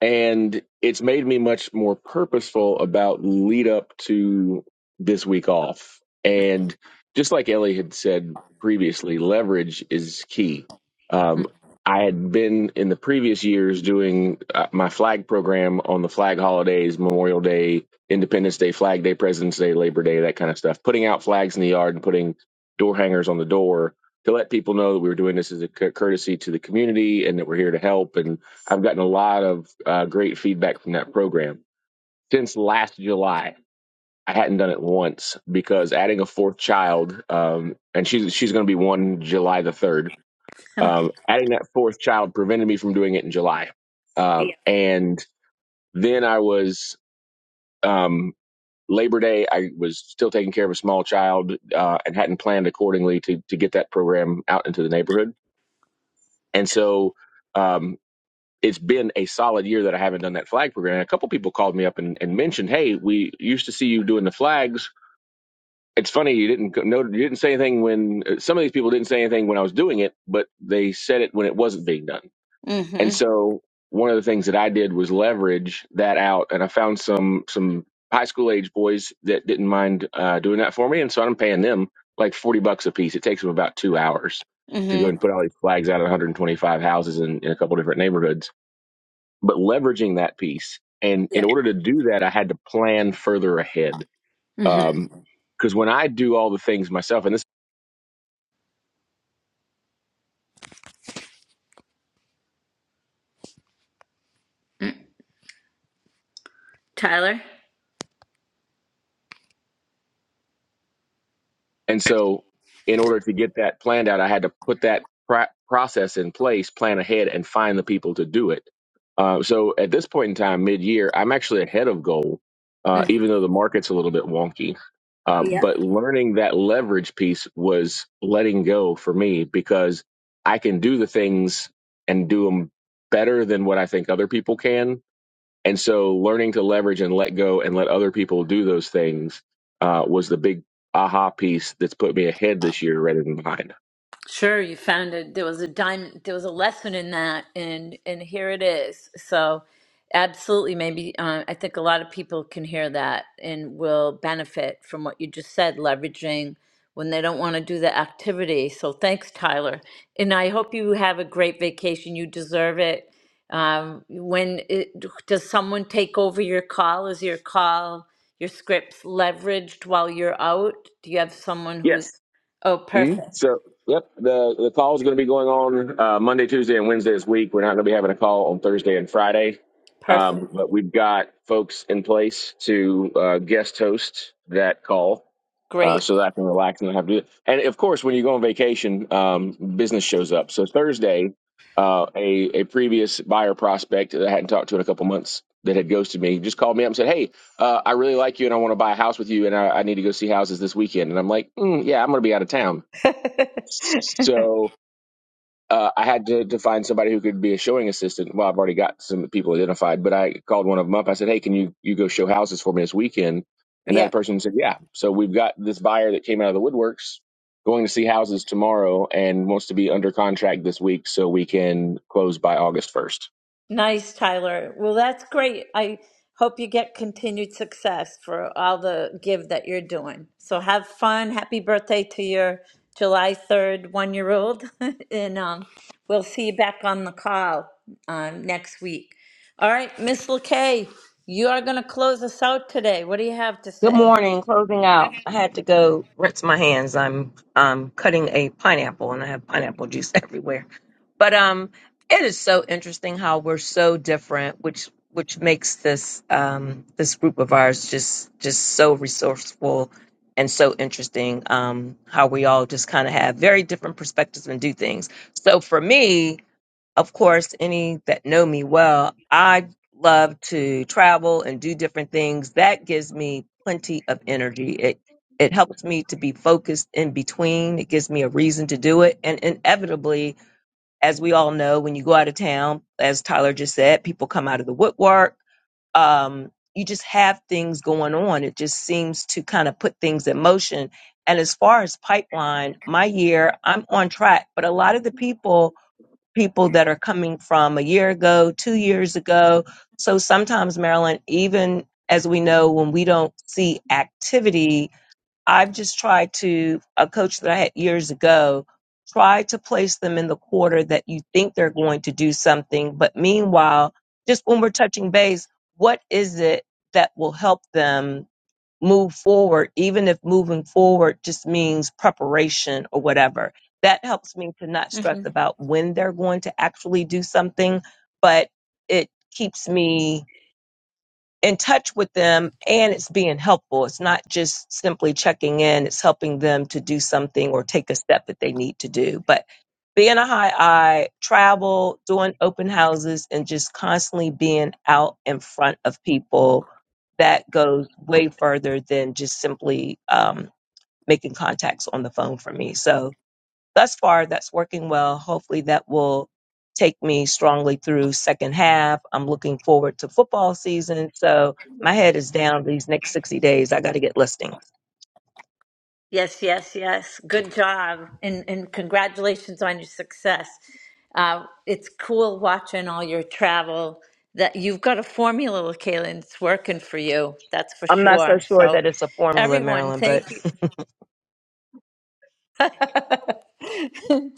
[SPEAKER 18] and it's made me much more purposeful about lead up to this week off and just like ellie had said previously leverage is key um, i had been in the previous years doing uh, my flag program on the flag holidays memorial day independence day flag day president's day labor day that kind of stuff putting out flags in the yard and putting door hangers on the door to let people know that we were doing this as a courtesy to the community and that we're here to help and I've gotten a lot of uh, great feedback from that program. Since last July, I hadn't done it once because adding a fourth child, um, and she's she's going to be one July the third. Um, adding that fourth child prevented me from doing it in July, um,
[SPEAKER 1] yeah.
[SPEAKER 18] and then I was um, Labor Day. I was still taking care of a small child uh, and hadn't planned accordingly to to get that program out into the neighborhood, and so. Um, it's been a solid year that I haven't done that flag program. And a couple people called me up and, and mentioned, "Hey, we used to see you doing the flags." It's funny you didn't go- no, you didn't say anything when uh, some of these people didn't say anything when I was doing it, but they said it when it wasn't being done. And
[SPEAKER 1] Mm-hmm.
[SPEAKER 18] so one of the things that I did was leverage that out, and I found some some high school age boys that didn't mind uh, doing that for me, and so I'm paying them like forty bucks a piece. It takes them about two hours to go
[SPEAKER 1] Mm-hmm.
[SPEAKER 18] and put all these flags out at 125 houses in, in a couple different neighborhoods but leveraging that piece. And in
[SPEAKER 1] Yeah.
[SPEAKER 18] order to do that, I had to plan further ahead.
[SPEAKER 1] hmm
[SPEAKER 18] Um, Because when I do all the things myself, and this
[SPEAKER 1] Tyler?
[SPEAKER 18] And so, in order to get that planned out, I had to put that pra- process in place, plan ahead, and find the people to do it. Uh, so, at this point in time, mid year, I'm actually ahead of goal, uh,
[SPEAKER 1] Mhm.
[SPEAKER 18] even though the market's a little bit wonky. Um,
[SPEAKER 1] Yeah.
[SPEAKER 18] but learning that leverage piece was letting go for me because I can do the things and do them better than what I think other people can and so learning to leverage and let go and let other people do those things uh, was the big aha piece that's put me ahead this year rather than behind.
[SPEAKER 1] Sure, you found it. There was a diamond, there was a lesson in that, and and here it is. So, absolutely, maybe uh, I think a lot of people can hear that and will benefit from what you just said, leveraging when they don't want to do the activity. So, thanks, Tyler, and I hope you have a great vacation. You deserve it. Um, when it, does someone take over your call? Is your call your scripts leveraged while you're out? Do you have someone who's?
[SPEAKER 18] Yes.
[SPEAKER 1] Oh,
[SPEAKER 18] hmm
[SPEAKER 1] perfect,
[SPEAKER 18] So, yep, the, the call is going to be going on uh, Monday, Tuesday, and Wednesday this week. We're not going to be having a call on Thursday and Friday,
[SPEAKER 1] perfect.
[SPEAKER 18] um, but we've got folks in place to uh, guest host that call. uh,
[SPEAKER 1] Great.
[SPEAKER 18] so that I can relax and not have to do it. And of course, when you go on vacation, um, business shows up. So Thursday, uh, a a previous buyer prospect that I hadn't talked to in a couple months that had ghosted me just called me up and said, "Hey, uh, I really like you and I want to buy a house with you and I, I need to go see houses this weekend." And I'm like, mm, "Yeah, I'm going to be out of town." So uh, I had to, to find somebody who could be a showing assistant. Well, I've already got some people identified, but I called one of them up. I said, "Hey, can you you go show houses for me this weekend?" And that person said, "Yeah." So we've got this buyer that came out of the woodworks going to see houses tomorrow and wants to be under contract this week so we can close by August first.
[SPEAKER 1] Nice, Tyler. Well, that's great. I hope you get continued success for all the give that you're doing. So have fun. Happy birthday to your July 3rd one year old. And um, we'll see you back on the call um, next week. All right, Miss LeKay, you are going to close us out today. What do you have to
[SPEAKER 19] Good
[SPEAKER 1] say?
[SPEAKER 19] morning. Closing out. I had to go rinse my hands. I'm um cutting a pineapple and I have pineapple juice everywhere. But um it is so interesting how we're so different, which which makes this um this group of ours just just so resourceful and so interesting. Um how we all just kind of have very different perspectives and do things. So for me, of course, any that know me well, I love to travel and do different things. That gives me plenty of energy. It it helps me to be focused in between. It gives me a reason to do it. And inevitably, as we all know, when you go out of town, as Tyler just said, people come out of the woodwork. Um, you just have things going on. It just seems to kind of put things in motion. And as far as pipeline, my year, I'm on track. But a lot of the people people that are coming from a year ago, two years ago. So sometimes, Marilyn, even as we know, when we don't see activity, I've just tried to, a coach that I had years ago, try to place them in the quarter that you think they're going to do something. But meanwhile, just when we're touching base, what is it that will help them? move forward, even if moving forward just means preparation or whatever. That helps me to not stress about when they're going to actually do something, but it keeps me in touch with them and it's being helpful. It's not just simply checking in, it's helping them to do something or take a step that they need to do. But being a high eye, travel, doing open houses, and just constantly being out in front of people, that goes way further than just simply um, making contacts on the phone for me. So, thus far that's working well. Hopefully that will take me strongly through second half. I'm looking forward to football season. So my head is down these next 60 days. I got to get listings.
[SPEAKER 1] Yes, yes, yes. Good job. And, and congratulations on your success. Uh, it's cool watching all your travel that you've got a formula, Kaylin. It's working for you. That's for
[SPEAKER 19] I'm not so
[SPEAKER 1] sure.
[SPEAKER 19] sure
[SPEAKER 1] So
[SPEAKER 19] that it's a formula,
[SPEAKER 1] everyone,
[SPEAKER 19] Marilyn,
[SPEAKER 1] thank
[SPEAKER 19] but
[SPEAKER 1] you. um,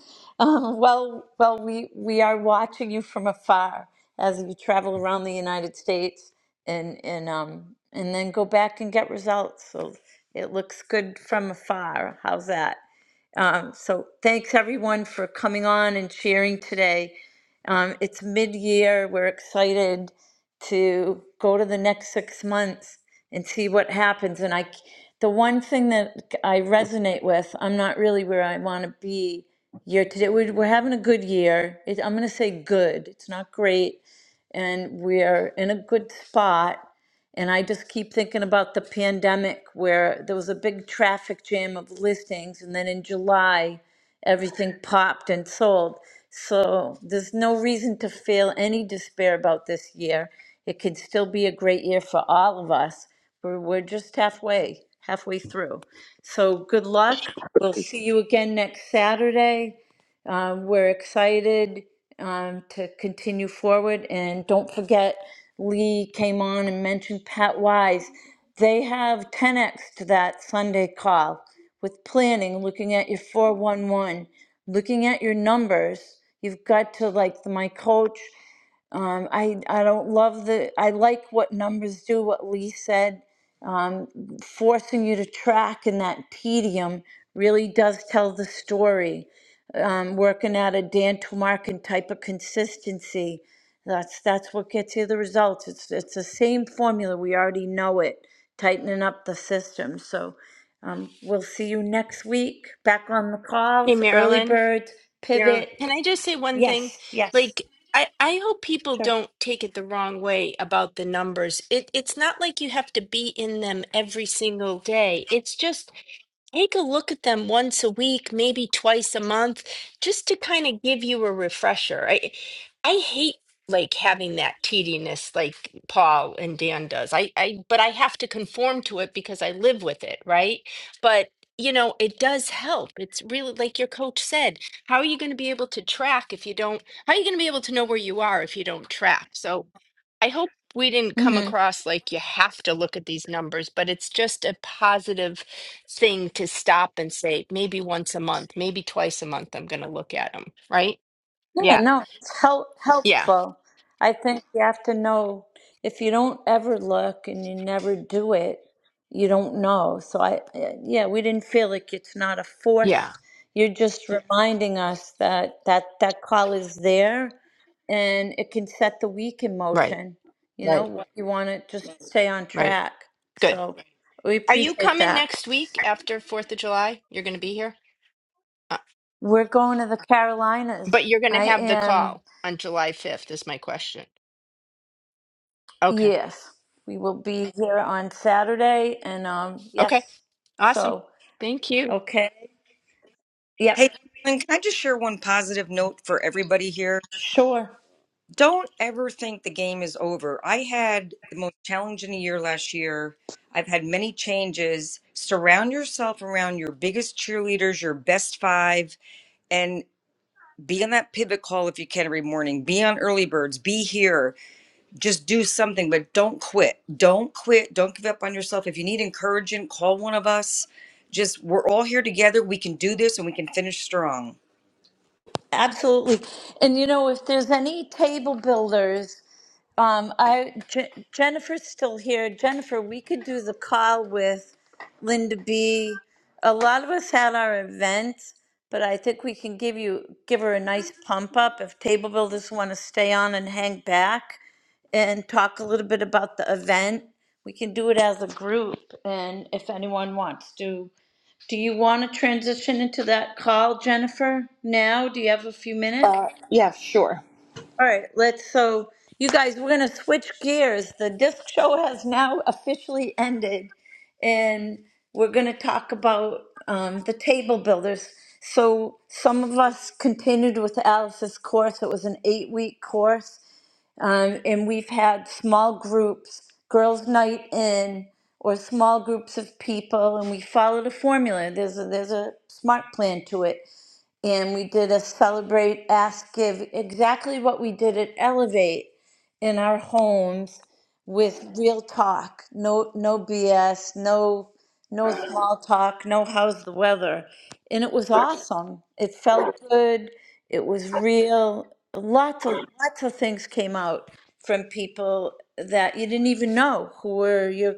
[SPEAKER 1] well, well, we, we are watching you from afar as you travel around the United States and, and, um, and then go back and get results. So it looks good from afar. How's that? Um, so thanks everyone for coming on and sharing today. Um, it's mid-year. We're excited to go to the next six months and see what happens. And I, the one thing that I resonate with, I'm not really where I want to be year to date. We're, we're having a good year. It, I'm going to say good. It's not great, and we're in a good spot and I just keep thinking about the pandemic where there was a big traffic jam of listings, and then in July, everything popped and sold. So there's no reason to feel any despair about this year. It could still be a great year for all of us. We're, we're just halfway, halfway through. So good luck. We'll see you again next Saturday. Um, we're excited um, to continue forward. And don't forget, Lee came on and mentioned Pat Wise. They have 10x to that Sunday call with planning, looking at your 411, looking at your numbers. You've got to like my coach. Um, I I don't love the. I like what numbers do. What Lee said, um, forcing you to track in that tedium really does tell the story. Um, working at a Dan Tomarkin type of consistency that's that's what gets you the results. It's it's the same formula. We already know it. Tightening up the system. So um, we'll see you next week. Back on the
[SPEAKER 12] Hey,
[SPEAKER 1] calls, early
[SPEAKER 12] Marilyn.
[SPEAKER 1] birds,
[SPEAKER 12] Marilyn,
[SPEAKER 1] pivot.
[SPEAKER 12] can I just say one thing?
[SPEAKER 1] Yes, yes,
[SPEAKER 12] Like, I, I hope people
[SPEAKER 1] sure.
[SPEAKER 12] don't take it the wrong way about the numbers. It, it's not like you have to be in them every single day. It's just Take a look at them once a week, maybe twice a month, just to kind of give you a refresher. I I hate like having that tediness like Paul and Dan does. I I but I have to conform to it because I live with it, right? But you know, it does help. It's really like your coach said, how are you going to be able to track if you don't how are you going to be able to know where you are if you don't track? So I hope we didn't come across like you have to look at these numbers, but it's just a positive thing to stop and say maybe once a month, maybe twice a month I'm going to look at them, right?
[SPEAKER 1] Yeah,
[SPEAKER 12] Yeah.
[SPEAKER 1] no, it's help,
[SPEAKER 12] Yeah.
[SPEAKER 1] helpful. I think you have to know if you don't ever look and you never do it, you don't know. So I, eh, yeah, we didn't feel like it's not a
[SPEAKER 12] Yeah.
[SPEAKER 1] forced. You're just reminding us that that that call is there, and it can set the week in
[SPEAKER 12] Right.
[SPEAKER 1] motion. You know,
[SPEAKER 12] Right.
[SPEAKER 1] what you want to just stay on
[SPEAKER 12] Right.
[SPEAKER 1] track.
[SPEAKER 12] Good.
[SPEAKER 1] So we
[SPEAKER 12] Are you
[SPEAKER 1] appreciate
[SPEAKER 12] coming
[SPEAKER 1] that.
[SPEAKER 12] next week after 4th of July? You're going to be here? Uh,
[SPEAKER 1] We're going to the Carolinas.
[SPEAKER 12] but you're going
[SPEAKER 1] I
[SPEAKER 12] to have the
[SPEAKER 1] am.
[SPEAKER 12] call on July 5th is my question. Okay.
[SPEAKER 1] Yes, we will be here on Saturday and um
[SPEAKER 12] Okay.
[SPEAKER 1] yes.
[SPEAKER 12] Awesome.
[SPEAKER 1] So,
[SPEAKER 12] Thank you.
[SPEAKER 1] okay. Yep,
[SPEAKER 10] hey and can i just share one positive note for everybody here
[SPEAKER 1] sure.
[SPEAKER 10] don't ever think the game is over. I had the most challenging year last year. I've had many changes. Surround yourself around your biggest cheerleaders, your best five, and be on that pivot call if you can every morning. Be on early birds. Be here. Just do something, but don't quit. Don't quit. Don't give up on yourself. If you need encouragement, call one of us. Just, we're all here together. We can do this and we can finish strong.
[SPEAKER 1] Absolutely. And you know, if there's any table builders, um, I J- Jennifer's still here. Jennifer, we could do the call with Linda B. A lot of us had our events, but I think we can give you give her a nice pump up if table builders want to stay on and hang back and talk a little bit about the event. We can do it as a group, and if anyone wants to do you want to transition into that call, Jennifer, now? Do you have a few minutes?
[SPEAKER 13] Uh, yeah, sure.
[SPEAKER 1] All right, let's, so, you guys, we're gonna switch gears. The disc show has now officially ended, and we're gonna talk about um, the table builders. So some of us continued with Alice's course. It was an eight-week course, um, and we've had small groups, girls' night in, or small groups of people, and we followed a formula. There's a, there's a smart plan to it. And we did a celebrate, ask, give, exactly what we did at Elevate in our homes with real talk, no no BS, no no small talk, no how's the weather. And it was awesome. It felt good. It was real. Lots of lots of things came out from people that you didn't even know who were your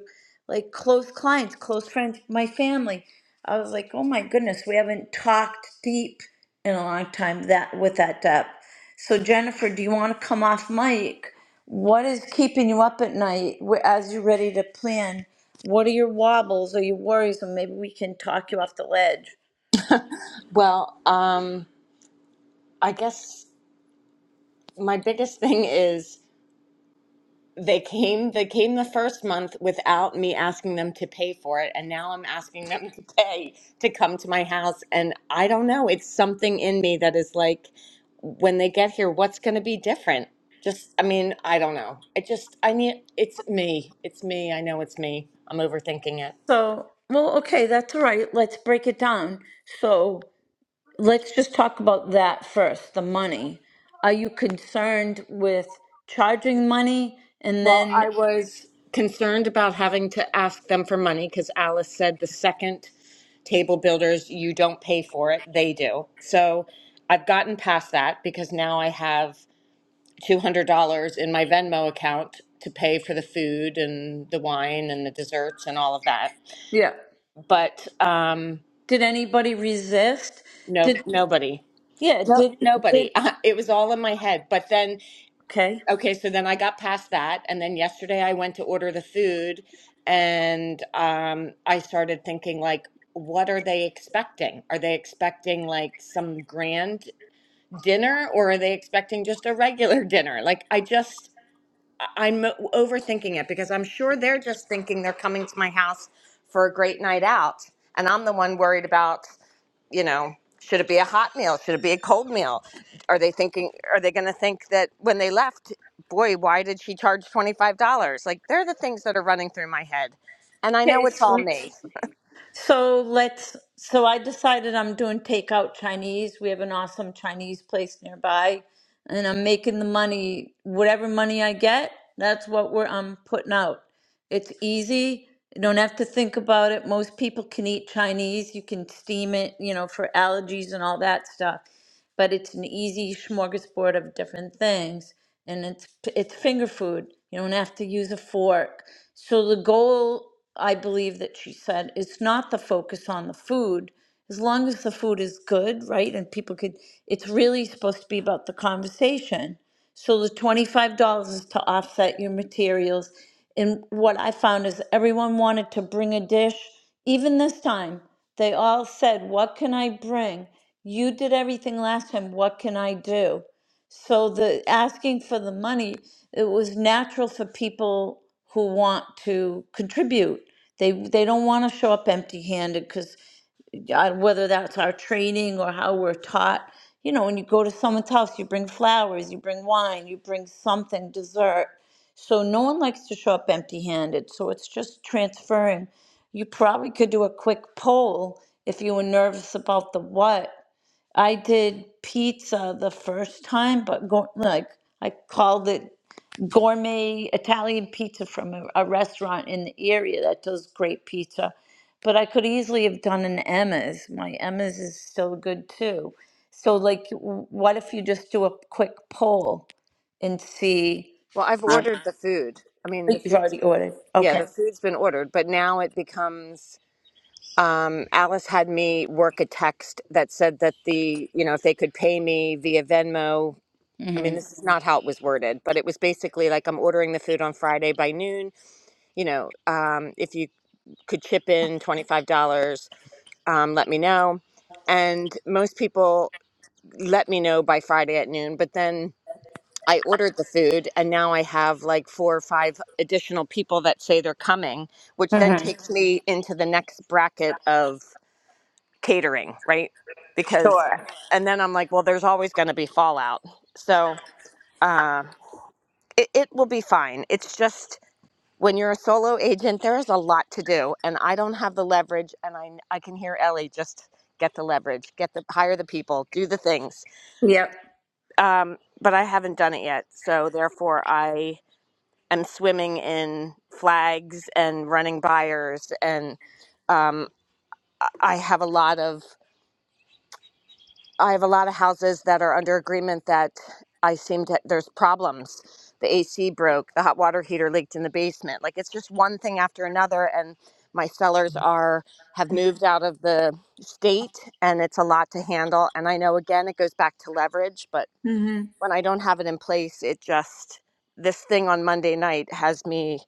[SPEAKER 1] like close clients, close friends, my family. I was like, oh my goodness, we haven't talked deep in a long time that with that depth. So Jennifer, do you want to come off mic? What is keeping you up at night wh- as you're ready to plan? What are your wobbles or your worries? And maybe we can talk you off the ledge.
[SPEAKER 13] Well, um, I guess my biggest thing is they came they came the first month without me asking them to pay for it and now I'm asking them to pay to come to my house and I don't know, it's something in me that is like when they get here what's going to be different? Just I mean, I don't know. I just I need it's me. It's me. I know it's me. I'm overthinking it.
[SPEAKER 1] So, well, okay, that's all right. Let's break it down. So, let's just talk about that first the money. Are you concerned with charging money? And
[SPEAKER 13] Well,
[SPEAKER 1] then,
[SPEAKER 13] I was concerned about having to ask them for money because Alice said the second table builders, you don't pay for it, they do. So I've gotten past that because now I have $200 in my Venmo account to pay for the food and the wine and the desserts and all of that.
[SPEAKER 1] yeah,
[SPEAKER 13] But um,
[SPEAKER 1] did anybody resist?
[SPEAKER 13] nope,
[SPEAKER 1] Did,
[SPEAKER 13] nobody.
[SPEAKER 1] yeah,
[SPEAKER 13] No,
[SPEAKER 1] did, did,
[SPEAKER 13] nobody. It was all in my head. But then,
[SPEAKER 1] okay.
[SPEAKER 13] okay, so then I got past that. And then yesterday I went to order the food and um, I started thinking, like, what are they expecting? Are they expecting like some grand? dinner or are they expecting just a regular dinner? Like I just I- am overthinking it because I'm sure they're just thinking they're coming to my house for a great night out and I'm the one worried about, you know, should it be a hot meal? Should it be a cold meal? Are they thinking are they going to think that when they left, boy, why did she charge $25? Like they're the things that are running through my head. And I
[SPEAKER 1] Okay,
[SPEAKER 13] know it's
[SPEAKER 1] so
[SPEAKER 13] all
[SPEAKER 1] let's
[SPEAKER 13] me.
[SPEAKER 1] So let's. So I decided I'm doing takeout Chinese. We have an awesome Chinese place nearby, and I'm making the money. Whatever money I get, that's what we're I'm putting out. It's easy. You don't have to think about it. Most people can eat Chinese. You can steam it, you know, for allergies and all that stuff but it's an easy smorgasbord of different things and it's it's finger food you don't have to use a fork so the goal i believe that she said is not the focus on the food as long as the food is good right and people could it's really supposed to be about the conversation so the twenty-five dollars is to offset your materials. And what I found is everyone wanted to bring a dish. Even this time, they all said, what can I bring? You did everything last time, what can I do? So the asking for the money, it was natural for people who want to contribute. They, they don't want to show up empty-handed because uh, whether that's our training or how we're taught. You know, when you go to someone's house, you bring flowers, you bring wine, you bring something, dessert. So no one likes to show up empty handed. So it's just transferring. You probably could do a quick poll if you were nervous about the what. I did pizza the first time, but go, like I called it gourmet Italian pizza from a, a restaurant in the area that does great pizza. But I could easily have done an Emma's. My Emma's is still good too. So, like, w- what if you just do a quick poll and see?
[SPEAKER 13] Well, I've
[SPEAKER 1] Uh,
[SPEAKER 13] ordered the food. I mean, the
[SPEAKER 1] you've
[SPEAKER 13] food
[SPEAKER 1] already ordered.
[SPEAKER 13] yeah,
[SPEAKER 1] Okay.
[SPEAKER 13] the food's been ordered, but now it becomes um, Alice had me work a text that said that the, you know, if they could pay me via Venmo. I
[SPEAKER 1] hmm
[SPEAKER 13] mean, this is not how it was worded, but it was basically like I'm ordering the food on Friday by noon. You know, um, if you could chip in $25, um, let me know. And most people let me know by Friday at noon, but then I ordered the food and now I have like four or five additional people that say they're coming, which then
[SPEAKER 1] hmm
[SPEAKER 13] takes me into the next bracket of catering, right? Because,
[SPEAKER 1] Sure.
[SPEAKER 13] and then I'm like, well, there's always going to be fallout. So uh, it, it will be fine. It's just when you're a solo agent, there is a lot to do, and I don't have the leverage. And I, I can hear Ellie just get the leverage, get the hire the people, do the things.
[SPEAKER 1] Yep.
[SPEAKER 13] Um, but I haven't done it yet, so therefore I am swimming in flags and running buyers and um, I have a lot of I have a lot of houses that are under agreement that I seem to there's problems. The AC broke, the hot water heater leaked in the basement. Like it's just one thing after another and my sellers are have moved out of the state and it's a lot to handle and I know again it goes back to leverage, but
[SPEAKER 1] hmm
[SPEAKER 13] when I don't have it in place, it just this thing on Monday night has me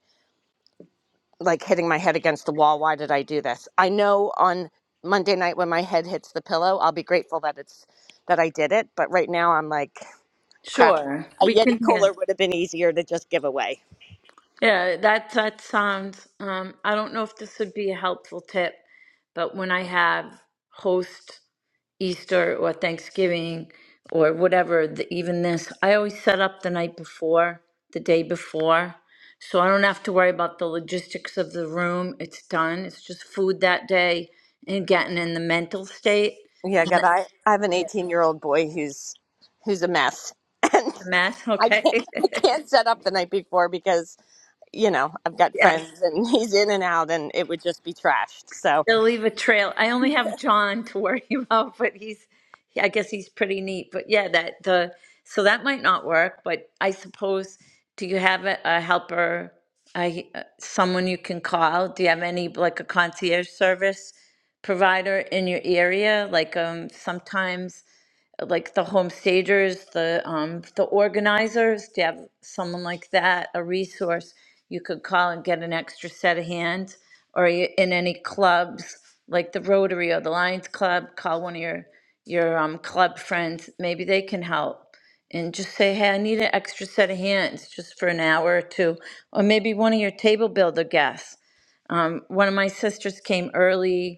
[SPEAKER 13] like hitting my head against the wall. Why did I do this? I know on Monday night when my head hits the pillow, I'll be grateful that it's that I did it. But right now, I'm like, crap.
[SPEAKER 1] Sure.
[SPEAKER 13] A
[SPEAKER 1] We can
[SPEAKER 13] Yeti
[SPEAKER 1] hear.
[SPEAKER 13] cooler would have been easier to just give away.
[SPEAKER 1] Yeah, that that sounds. Um, I don't know if this would be a helpful tip, but when I have host Easter or Thanksgiving or whatever, th- even this, I always set up the night before, the day before. So I don't have to worry about the logistics of the room. It's done. It's just food that day and getting in the mental state.
[SPEAKER 13] Yeah,
[SPEAKER 1] And
[SPEAKER 13] God,
[SPEAKER 1] the,
[SPEAKER 13] I I have an
[SPEAKER 1] yeah.
[SPEAKER 13] 18 year old boy who's who's a mess, and
[SPEAKER 1] the mess,
[SPEAKER 13] I
[SPEAKER 1] okay?
[SPEAKER 13] can't I can't set up the night before because you know I've got
[SPEAKER 1] yes.
[SPEAKER 13] friends and he's in and out, and it would just be trashed. So
[SPEAKER 1] They'll leave a trail. I only have John to worry about, but he's, I guess he's pretty neat. But yeah, that the so that might not work. But I suppose, do you have a, a helper, I uh, someone you can call? Do you have any like a concierge service provider in your area? Like um, sometimes like the home stagers, the um, the organizers, to have someone like that, a resource you could call and get an extra set of hands, or you, in any clubs like the Rotary or the Lions Club, call one of your your um, club friends. Maybe they can help, and just say, "Hey, I need an extra set of hands, just for an hour or two, or maybe one of your table builder guests." Um, one of my sisters came early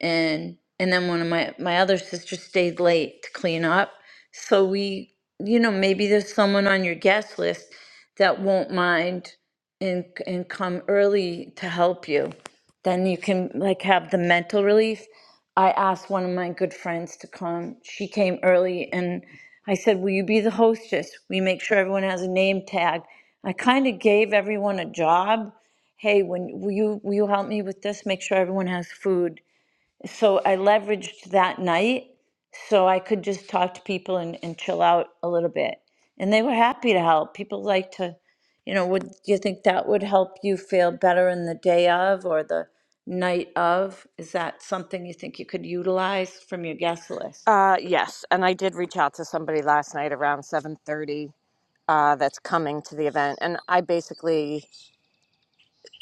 [SPEAKER 1] and and then one of my my other sisters stayed late to clean up so we you know maybe there's someone on your guest list that won't mind and and come early to help you then you can like have the mental relief i asked one of my good friends to come she came early and i said will you be the hostess we make sure everyone has a name tag i kind of gave everyone a job hey when will you will you help me with this make sure everyone has food so I leveraged that night so I could just talk to people and, and chill out a little bit. And they were happy to help. People like to, you know, would do you think that would help you feel better in the day of or the night of? Is that something you think you could utilize from your guest list?
[SPEAKER 13] uh, yes, and I did reach out to somebody last night around 7:30 uh, that's coming to the event. And I basically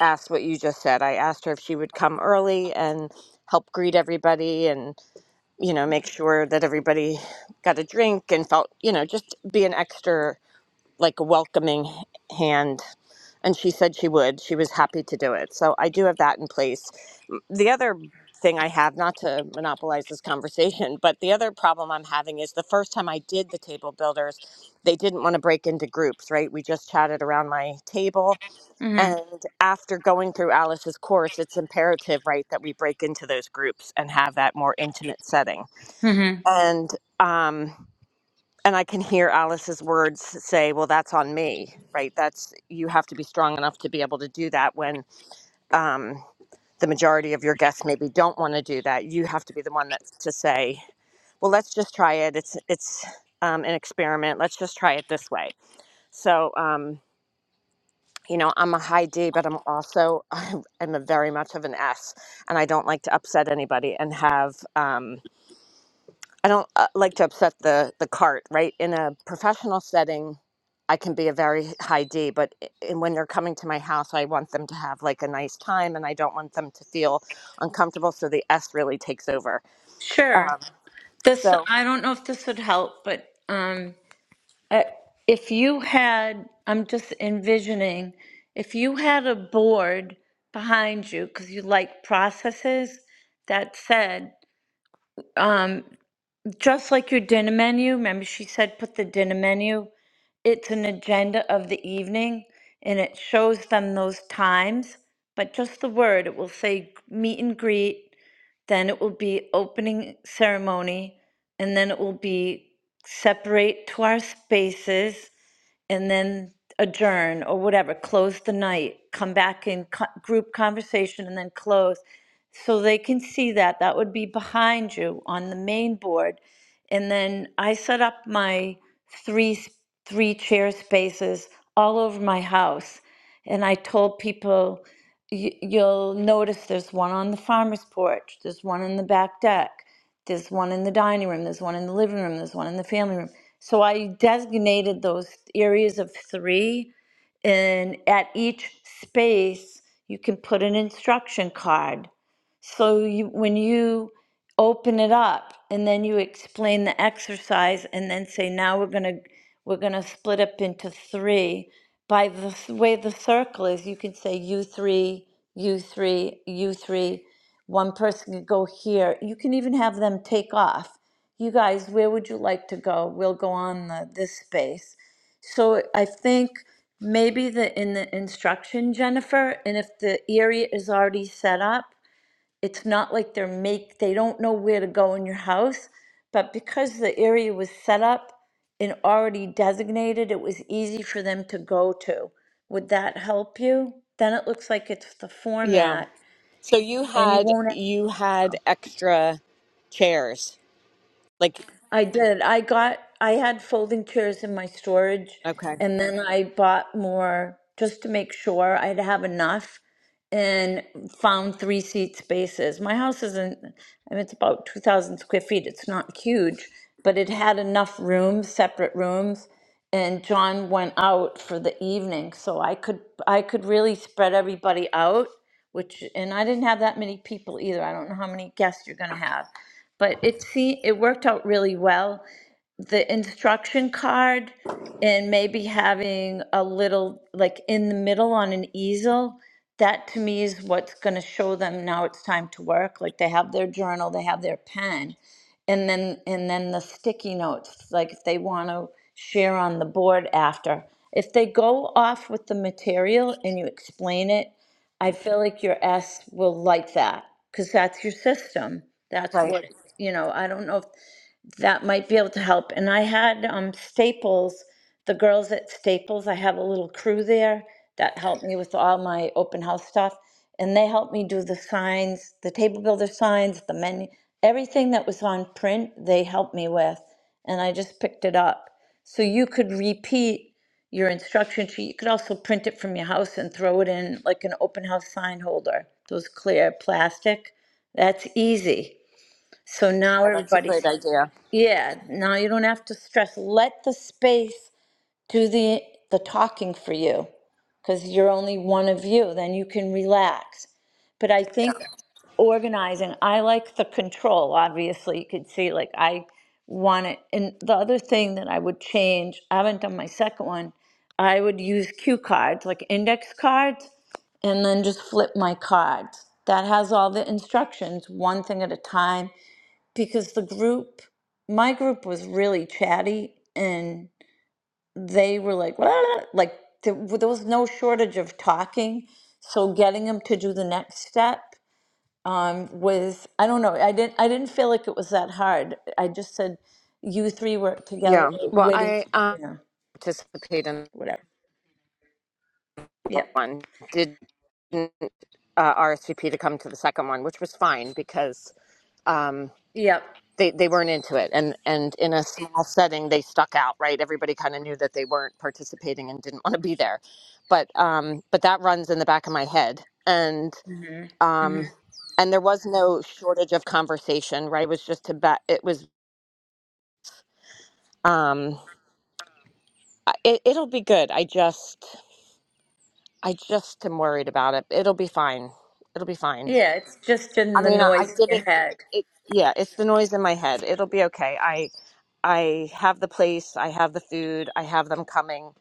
[SPEAKER 13] asked what you just said. I asked her if she would come early and help greet everybody and, you know, make sure that everybody got a drink and felt, you know, just be an extra, like, welcoming hand and she said she would. She was happy to do it. So I do have that in place. M- The other thing I have, not to monopolize this conversation, but the other problem I'm having is the first time I did the table builders, they didn't want to break into groups, right? We just chatted around my table.
[SPEAKER 1] Mm-hmm.
[SPEAKER 13] And after going through Alice's course, it's imperative, right, that we break into those groups and have that more intimate setting.
[SPEAKER 1] Mm-hmm.
[SPEAKER 13] And, um, and I can hear Alice's words say, "Well, that's on me, right? That's you have to be strong enough to be able to do that when um, the majority of your guests maybe don't want to do that. You have to be the one that's to say, "Well, let's just try it. It's it's um, an experiment. Let's just try it this way." So. Um, you know, I'm a high D, but I'm also I'm a very much of an S, and I don't like to upset anybody and have um, I don't uh, like to upset the the cart, right? In a professional setting, I can be a very high D, but i- and when they're coming to my house, I want them to have like a nice time, and I don't want them to feel uncomfortable. So the S really takes over.
[SPEAKER 1] Sure.
[SPEAKER 13] Um,
[SPEAKER 1] This
[SPEAKER 13] so
[SPEAKER 1] I don't know if this would help, but um Uh, if you had, I'm just envisioning, if you had a board behind you, because you like processes, that said, um, just like your dinner menu, remember she said put the dinner menu, it's an agenda of the evening and it shows them those times, but just the word, it will say meet and greet, then it will be opening ceremony, and then it will be separate to our spaces and then adjourn or whatever, close the night, come back in co- group conversation and then close. So they can see that. That would be behind you on the main board. And then I set up my three s- three chair spaces all over my house. And I told people, "You- you'll notice there's one on the farmer's porch, there's one in the back deck, there's one in the dining room, there's one in the living room, there's one in the family room so I designated those areas of three, and at each space, you can put an instruction card. So you, when you open it up, and then you explain the exercise, and then say, now we're gonna, we're gonna split up into three. By the s- way the circle is, you can say you three, you three, you three. One person can go here. You can even have them take off you guys, where would you like to go? We'll go on the, this space. So I think maybe the in the instruction, Jennifer, and if the area is already set up, it's not like they're make they don't know where to go in your house, but because the area was set up and already designated, it was easy for them to go to. Would that help you? Then it looks like it's the
[SPEAKER 13] yeah.
[SPEAKER 1] format,
[SPEAKER 13] So you
[SPEAKER 1] and you
[SPEAKER 13] had
[SPEAKER 1] won't
[SPEAKER 13] you had extra chairs, like
[SPEAKER 1] I did. I got, I had folding chairs in my storage,
[SPEAKER 13] okay,
[SPEAKER 1] and then I bought more just to make sure I'd have enough and found three seat spaces. My house isn't, I mean, it's about 2,000 square feet. It's not huge, but it had enough rooms, separate rooms. And John went out for the evening, so I could I could really spread everybody out, which and I didn't have that many people either. I don't know how many guests you're gonna have but it see it worked out really well the instruction card and maybe having a little like in the middle on an easel that to me is what's going to show them now it's time to work like they have their journal they have their pen and then and then the sticky notes like if they want to share on the board after if they go off with the material and you explain it i feel like your s will like that because that's your system that's
[SPEAKER 13] right?
[SPEAKER 1] what you know i don't know if that might be able to help. And I had um, Staples, the girls at Staples, I have a little crew there that helped me with all my open house stuff. And they helped me do the signs, the table builder signs, the menu, everything that was on print, they helped me with. And I just picked it up. So you could repeat your instruction sheet. You could also print it from your house and throw it in like an open house sign holder, those clear plastic. That's easy. So now
[SPEAKER 13] Yeah, that's a
[SPEAKER 1] everybody's
[SPEAKER 13] great idea.
[SPEAKER 1] yeah, now you don't have to stress. Let the space do the the talking for you because you're only one of you. Then you can relax. But I
[SPEAKER 13] Yeah.
[SPEAKER 1] think organizing, I like the control. Obviously, you could see like I want it. And the other thing that I would change, I haven't done my second one. I would use cue cards, like index cards, and then just flip my cards. That has all the instructions, one thing at a time because the group my group was really chatty and they were like "What?" like there, there was no shortage of talking so getting them to do the next step um, was i don't know i didn't i didn't feel like it was that hard i just said you three work together
[SPEAKER 13] Yeah. Well,
[SPEAKER 1] with
[SPEAKER 13] I um,
[SPEAKER 1] you know,
[SPEAKER 13] participate in
[SPEAKER 1] whatever yep
[SPEAKER 13] one. Did didn't uh, RSVP to come to the second one, which was fine because um,
[SPEAKER 1] yep
[SPEAKER 13] they they weren't into it, and and in a small setting they stuck out, right? Everybody kind of knew that they weren't participating and didn't want to be there, but um, but that runs in the back of my head, and
[SPEAKER 1] hmm hmm
[SPEAKER 13] um, and there was no shortage of conversation, right? It was just about it was um, I- it, it'll be good. I just I just am worried about it. It'll be fine. It'll be fine.
[SPEAKER 1] yeah it's just
[SPEAKER 13] I
[SPEAKER 1] in the
[SPEAKER 13] mean, I, I
[SPEAKER 1] noise in
[SPEAKER 13] did
[SPEAKER 1] your
[SPEAKER 13] it.
[SPEAKER 1] head
[SPEAKER 13] It yeah, it's the noise in my head. It'll be okay. I I have the place. I have the food. I have them coming.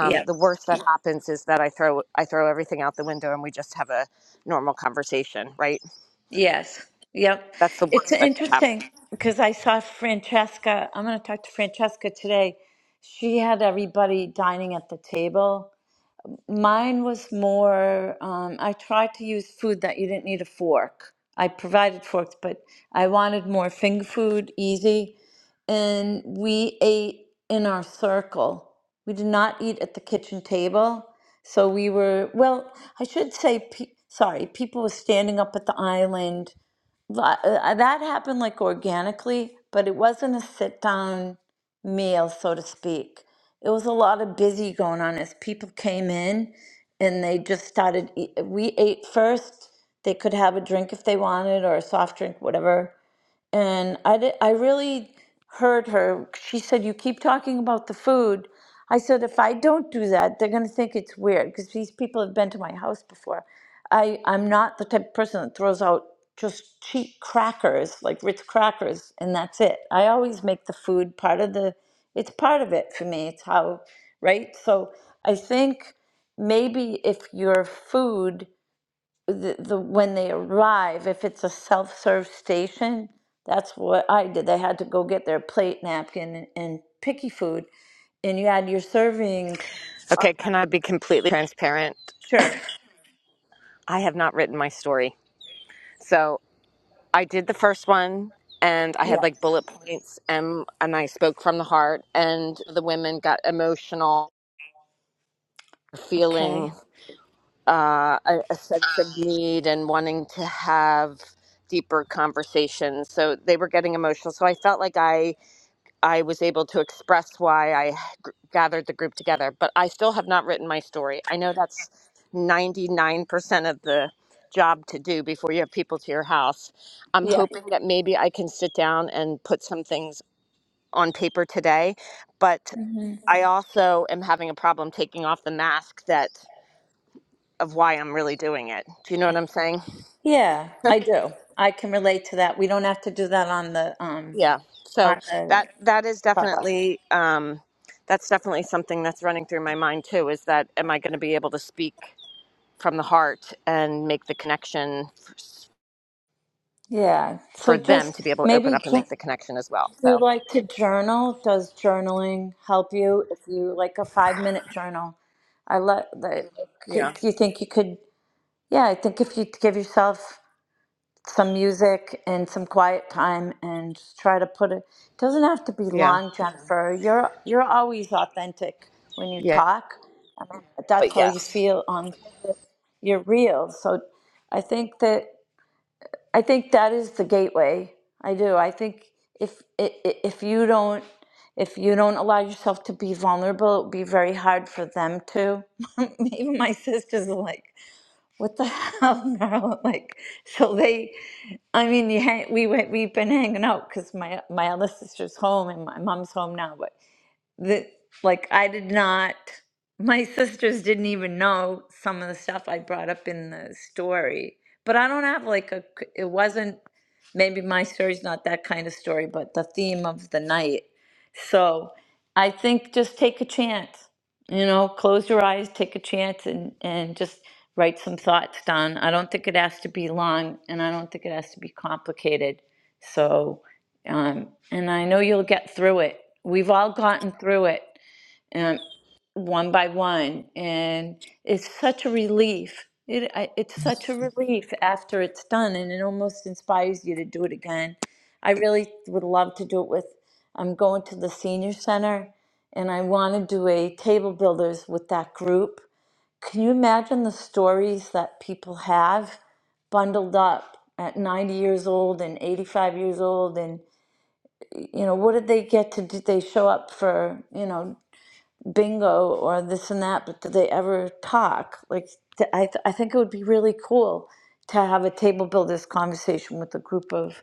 [SPEAKER 1] Yep.
[SPEAKER 13] the worst that happens is that I throw I throw everything out the window and we just have a normal conversation, right?
[SPEAKER 1] Yes. Yep.
[SPEAKER 13] That's the
[SPEAKER 1] It's
[SPEAKER 13] worst that could happen.
[SPEAKER 1] interesting because I saw Francesca. I'm going to talk to Francesca today. She had everybody dining at the table. Mine was more, um, I tried to use food that you didn't need a fork. I provided forks, but I wanted more finger food, easy. And we ate in our circle. We did not eat at the kitchen table. So we were, well, I should say, pe- sorry, people were standing up at the island Li- uh, that happened like organically, but it wasn't a sit down meal, so to speak. It was a lot of busy going on as people came in and they just started. eat- We ate first. They could have a drink if they wanted or a soft drink, whatever and I did, I really heard her. She said, "You keep talking about the food." I said, "If I don't do that, they're going to think it's weird because these people have been to my house before. I I'm not the type of person that throws out just cheap crackers like Ritz crackers and that's it. I always make the food part of the. It's part of it for me. It's how, right? So I think maybe if your food the, the when they arrive, if it's a self-serve station, that's what I did. They had to go get their plate, napkin, and, and picky food, and you had your serving.
[SPEAKER 13] Okay, can I be completely transparent?
[SPEAKER 1] Sure.
[SPEAKER 13] I have not written my story. So I did the first one and I
[SPEAKER 1] Yeah.
[SPEAKER 13] had like bullet points and and I spoke from the heart and the women got emotional feeling
[SPEAKER 1] Okay.
[SPEAKER 13] uh, a, a sense of need and wanting to have deeper conversations. So they were getting emotional. So I felt like I I was able to express why I gr- gathered the group together. But I still have not written my story. I know that's ninety nine percent of the job to do before you have people to your house. I'm
[SPEAKER 1] Yeah.
[SPEAKER 13] hoping that maybe I can sit down and put some things on paper today, but
[SPEAKER 1] hmm
[SPEAKER 13] I also am having a problem taking off the mask that of why I'm really doing it. Do you know what I'm saying?
[SPEAKER 1] Yeah, I do. I can relate to that. We don't have to do that on the um
[SPEAKER 13] Yeah. So
[SPEAKER 1] on the
[SPEAKER 13] that that is
[SPEAKER 1] Starbucks.
[SPEAKER 13] definitely um, that's definitely something that's running through my mind too. Is that am I going to be able to speak from the heart and make the connection
[SPEAKER 1] Yeah. So
[SPEAKER 13] for them
[SPEAKER 1] just
[SPEAKER 13] to be able to open
[SPEAKER 1] maybe.
[SPEAKER 13] up and
[SPEAKER 1] ju-
[SPEAKER 13] make the connection as well?
[SPEAKER 1] Do you
[SPEAKER 13] So
[SPEAKER 1] like to journal? Does journaling help you? If you like a five minute journal, I let the, c-
[SPEAKER 13] yeah,
[SPEAKER 1] you think you could, yeah, I think if you give yourself some music and some quiet time and just try to put it, doesn't have to be
[SPEAKER 13] yeah,
[SPEAKER 1] long, Jennifer. You're, you're always authentic when you
[SPEAKER 13] yeah.
[SPEAKER 1] talk. I mean, that's
[SPEAKER 13] But
[SPEAKER 1] how you
[SPEAKER 13] yes,
[SPEAKER 1] feel on your reels. So I think that I think that is the gateway. I do. I think if i- i- if you don't if you don't allow yourself to be vulnerable, it would be very hard for them to. Even my sisters are like, "What the hell, Marilyn?" Like, so they. I mean, you hang, we went, we've been hanging out because my my other sister's home and my mom's home now, but that like I did not my sisters didn't even know some of the stuff I brought up in the story. But I don't have like a c- it wasn't maybe my story's not that kind of story, but the theme of the night. So I think just take a chance. You know, close your eyes, take a chance and and just write some thoughts down. I don't think it has to be long and I don't think it has to be complicated. So um, and I know you'll get through it. We've all gotten through it um, one by one. And it's such a relief. It, I, it's such a relief after it's done. And it almost inspires you to do it again. I really would love to do it with, I'm going to the senior center and I want to do a table builders with that group. Can you imagine the stories that people have bundled up at 90 years old and 85 years old and you know, what did they get to do? They show up for, you know, bingo or this and that, but did they ever talk? Like, th- I, th- I think it would be really cool to have a table builders conversation with a group of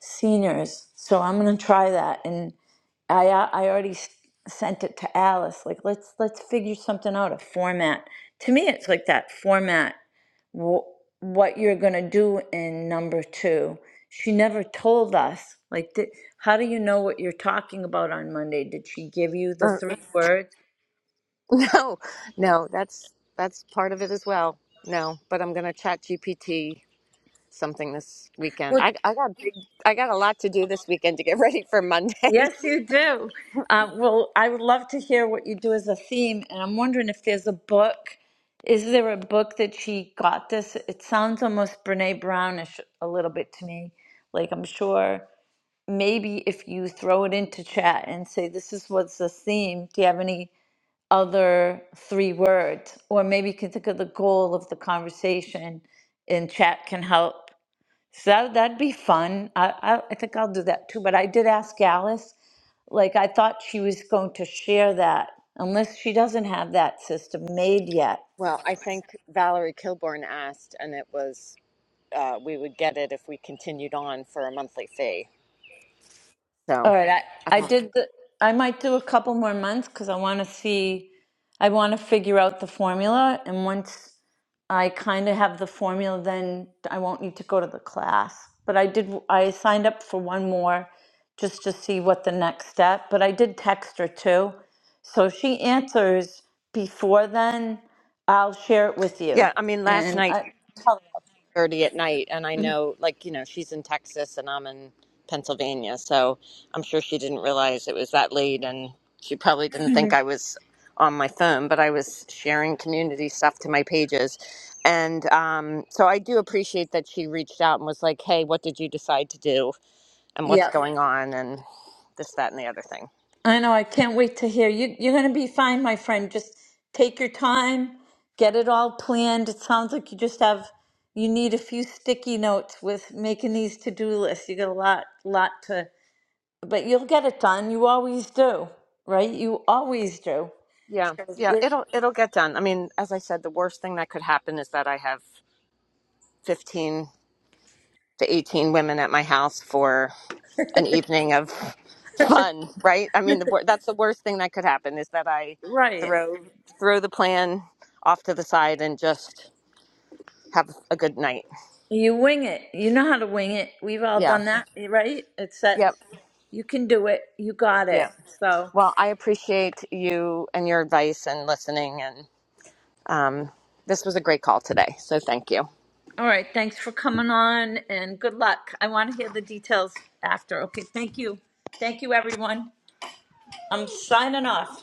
[SPEAKER 1] seniors. So I'm going to try that. And I, a- I already s- sent it to Alice. Like, let's, let's figure something out, a format. To me, it's like that format wh- what you're going to do in number two. She never told us. Like, did, how do you know what you're talking about on Monday? Did she give you the
[SPEAKER 13] Uh,
[SPEAKER 1] three words?
[SPEAKER 13] no, no. That's that's part of it as well. No, but I'm going to chat GPT something this weekend.
[SPEAKER 1] Well,
[SPEAKER 13] I I got big I got a lot to do this weekend to get ready for Monday.
[SPEAKER 1] yes, you do. Uh, well, I would love to hear what you do as a theme, and I'm wondering if there's a book. Is there a book that she got this? It sounds almost Brene Brownish a little bit to me. Like, I'm sure maybe if you throw it into chat and say, This is what's the theme, do you have any? other three words, or maybe you can think of the goal of the conversation and chat can help. So that, that'd be fun. I, I, I think I'll do that too. But I did ask Alice, like, I thought she was going to share that, unless she doesn't have that system made yet.
[SPEAKER 13] Well, I think Valerie Kilborn asked, and it was uh, we would get it if we continued on for a monthly fee.
[SPEAKER 1] All
[SPEAKER 13] So,
[SPEAKER 1] right, I, I
[SPEAKER 13] uh,
[SPEAKER 1] did the, I might do a couple more months because I want to see, I want to figure out the formula. And once I kind of have the formula, then I won't need to go to the class. But I did, I signed up for one more just to see what the next step, but I did text her too. So if she answers before then, I'll share it with you.
[SPEAKER 13] yeah, I mean, last
[SPEAKER 1] And
[SPEAKER 13] night
[SPEAKER 1] I tell her.
[SPEAKER 13] thirty at night, and I know, like you know, she's in Texas and I'm in Pennsylvania, so I'm sure she didn't realize it was that late, and she probably didn't think I was on my phone, but I was sharing community stuff to my pages, and um, so I do appreciate that she reached out and was like, "Hey, what did you decide to do, and what's
[SPEAKER 1] Yeah.
[SPEAKER 13] going on, and this, that, and the other thing."
[SPEAKER 1] I know, I can't wait to hear. You, you're going to be fine, my friend. Just take your time, get it all planned. It sounds like you just have, you need a few sticky notes with making these to-do lists. You got a lot, lot to, but you'll get it done. You always do, right? You always do.
[SPEAKER 13] Yeah,
[SPEAKER 1] So
[SPEAKER 13] yeah,
[SPEAKER 1] you're-
[SPEAKER 13] it'll it'll get done. I mean, as I said, the worst thing that could happen is that I have fifteen to eighteen women at my house for an evening of fun, right? I mean, the, wor- that's the worst thing that could happen is that I
[SPEAKER 1] Right.
[SPEAKER 13] throw throw the plan off to the side and just have a good night.
[SPEAKER 1] You wing it. You know how to wing it. We've all
[SPEAKER 13] Yeah.
[SPEAKER 1] done that, right? It's that
[SPEAKER 13] Yep.
[SPEAKER 1] you can do it. You got
[SPEAKER 13] Yeah.
[SPEAKER 1] it. So.
[SPEAKER 13] Well, I appreciate you and your advice and listening, and um, this was a great call today. So thank you.
[SPEAKER 1] All right, thanks for coming on and good luck. I want to hear the details after. Okay, thank you. Thank you, everyone. I'm signing off.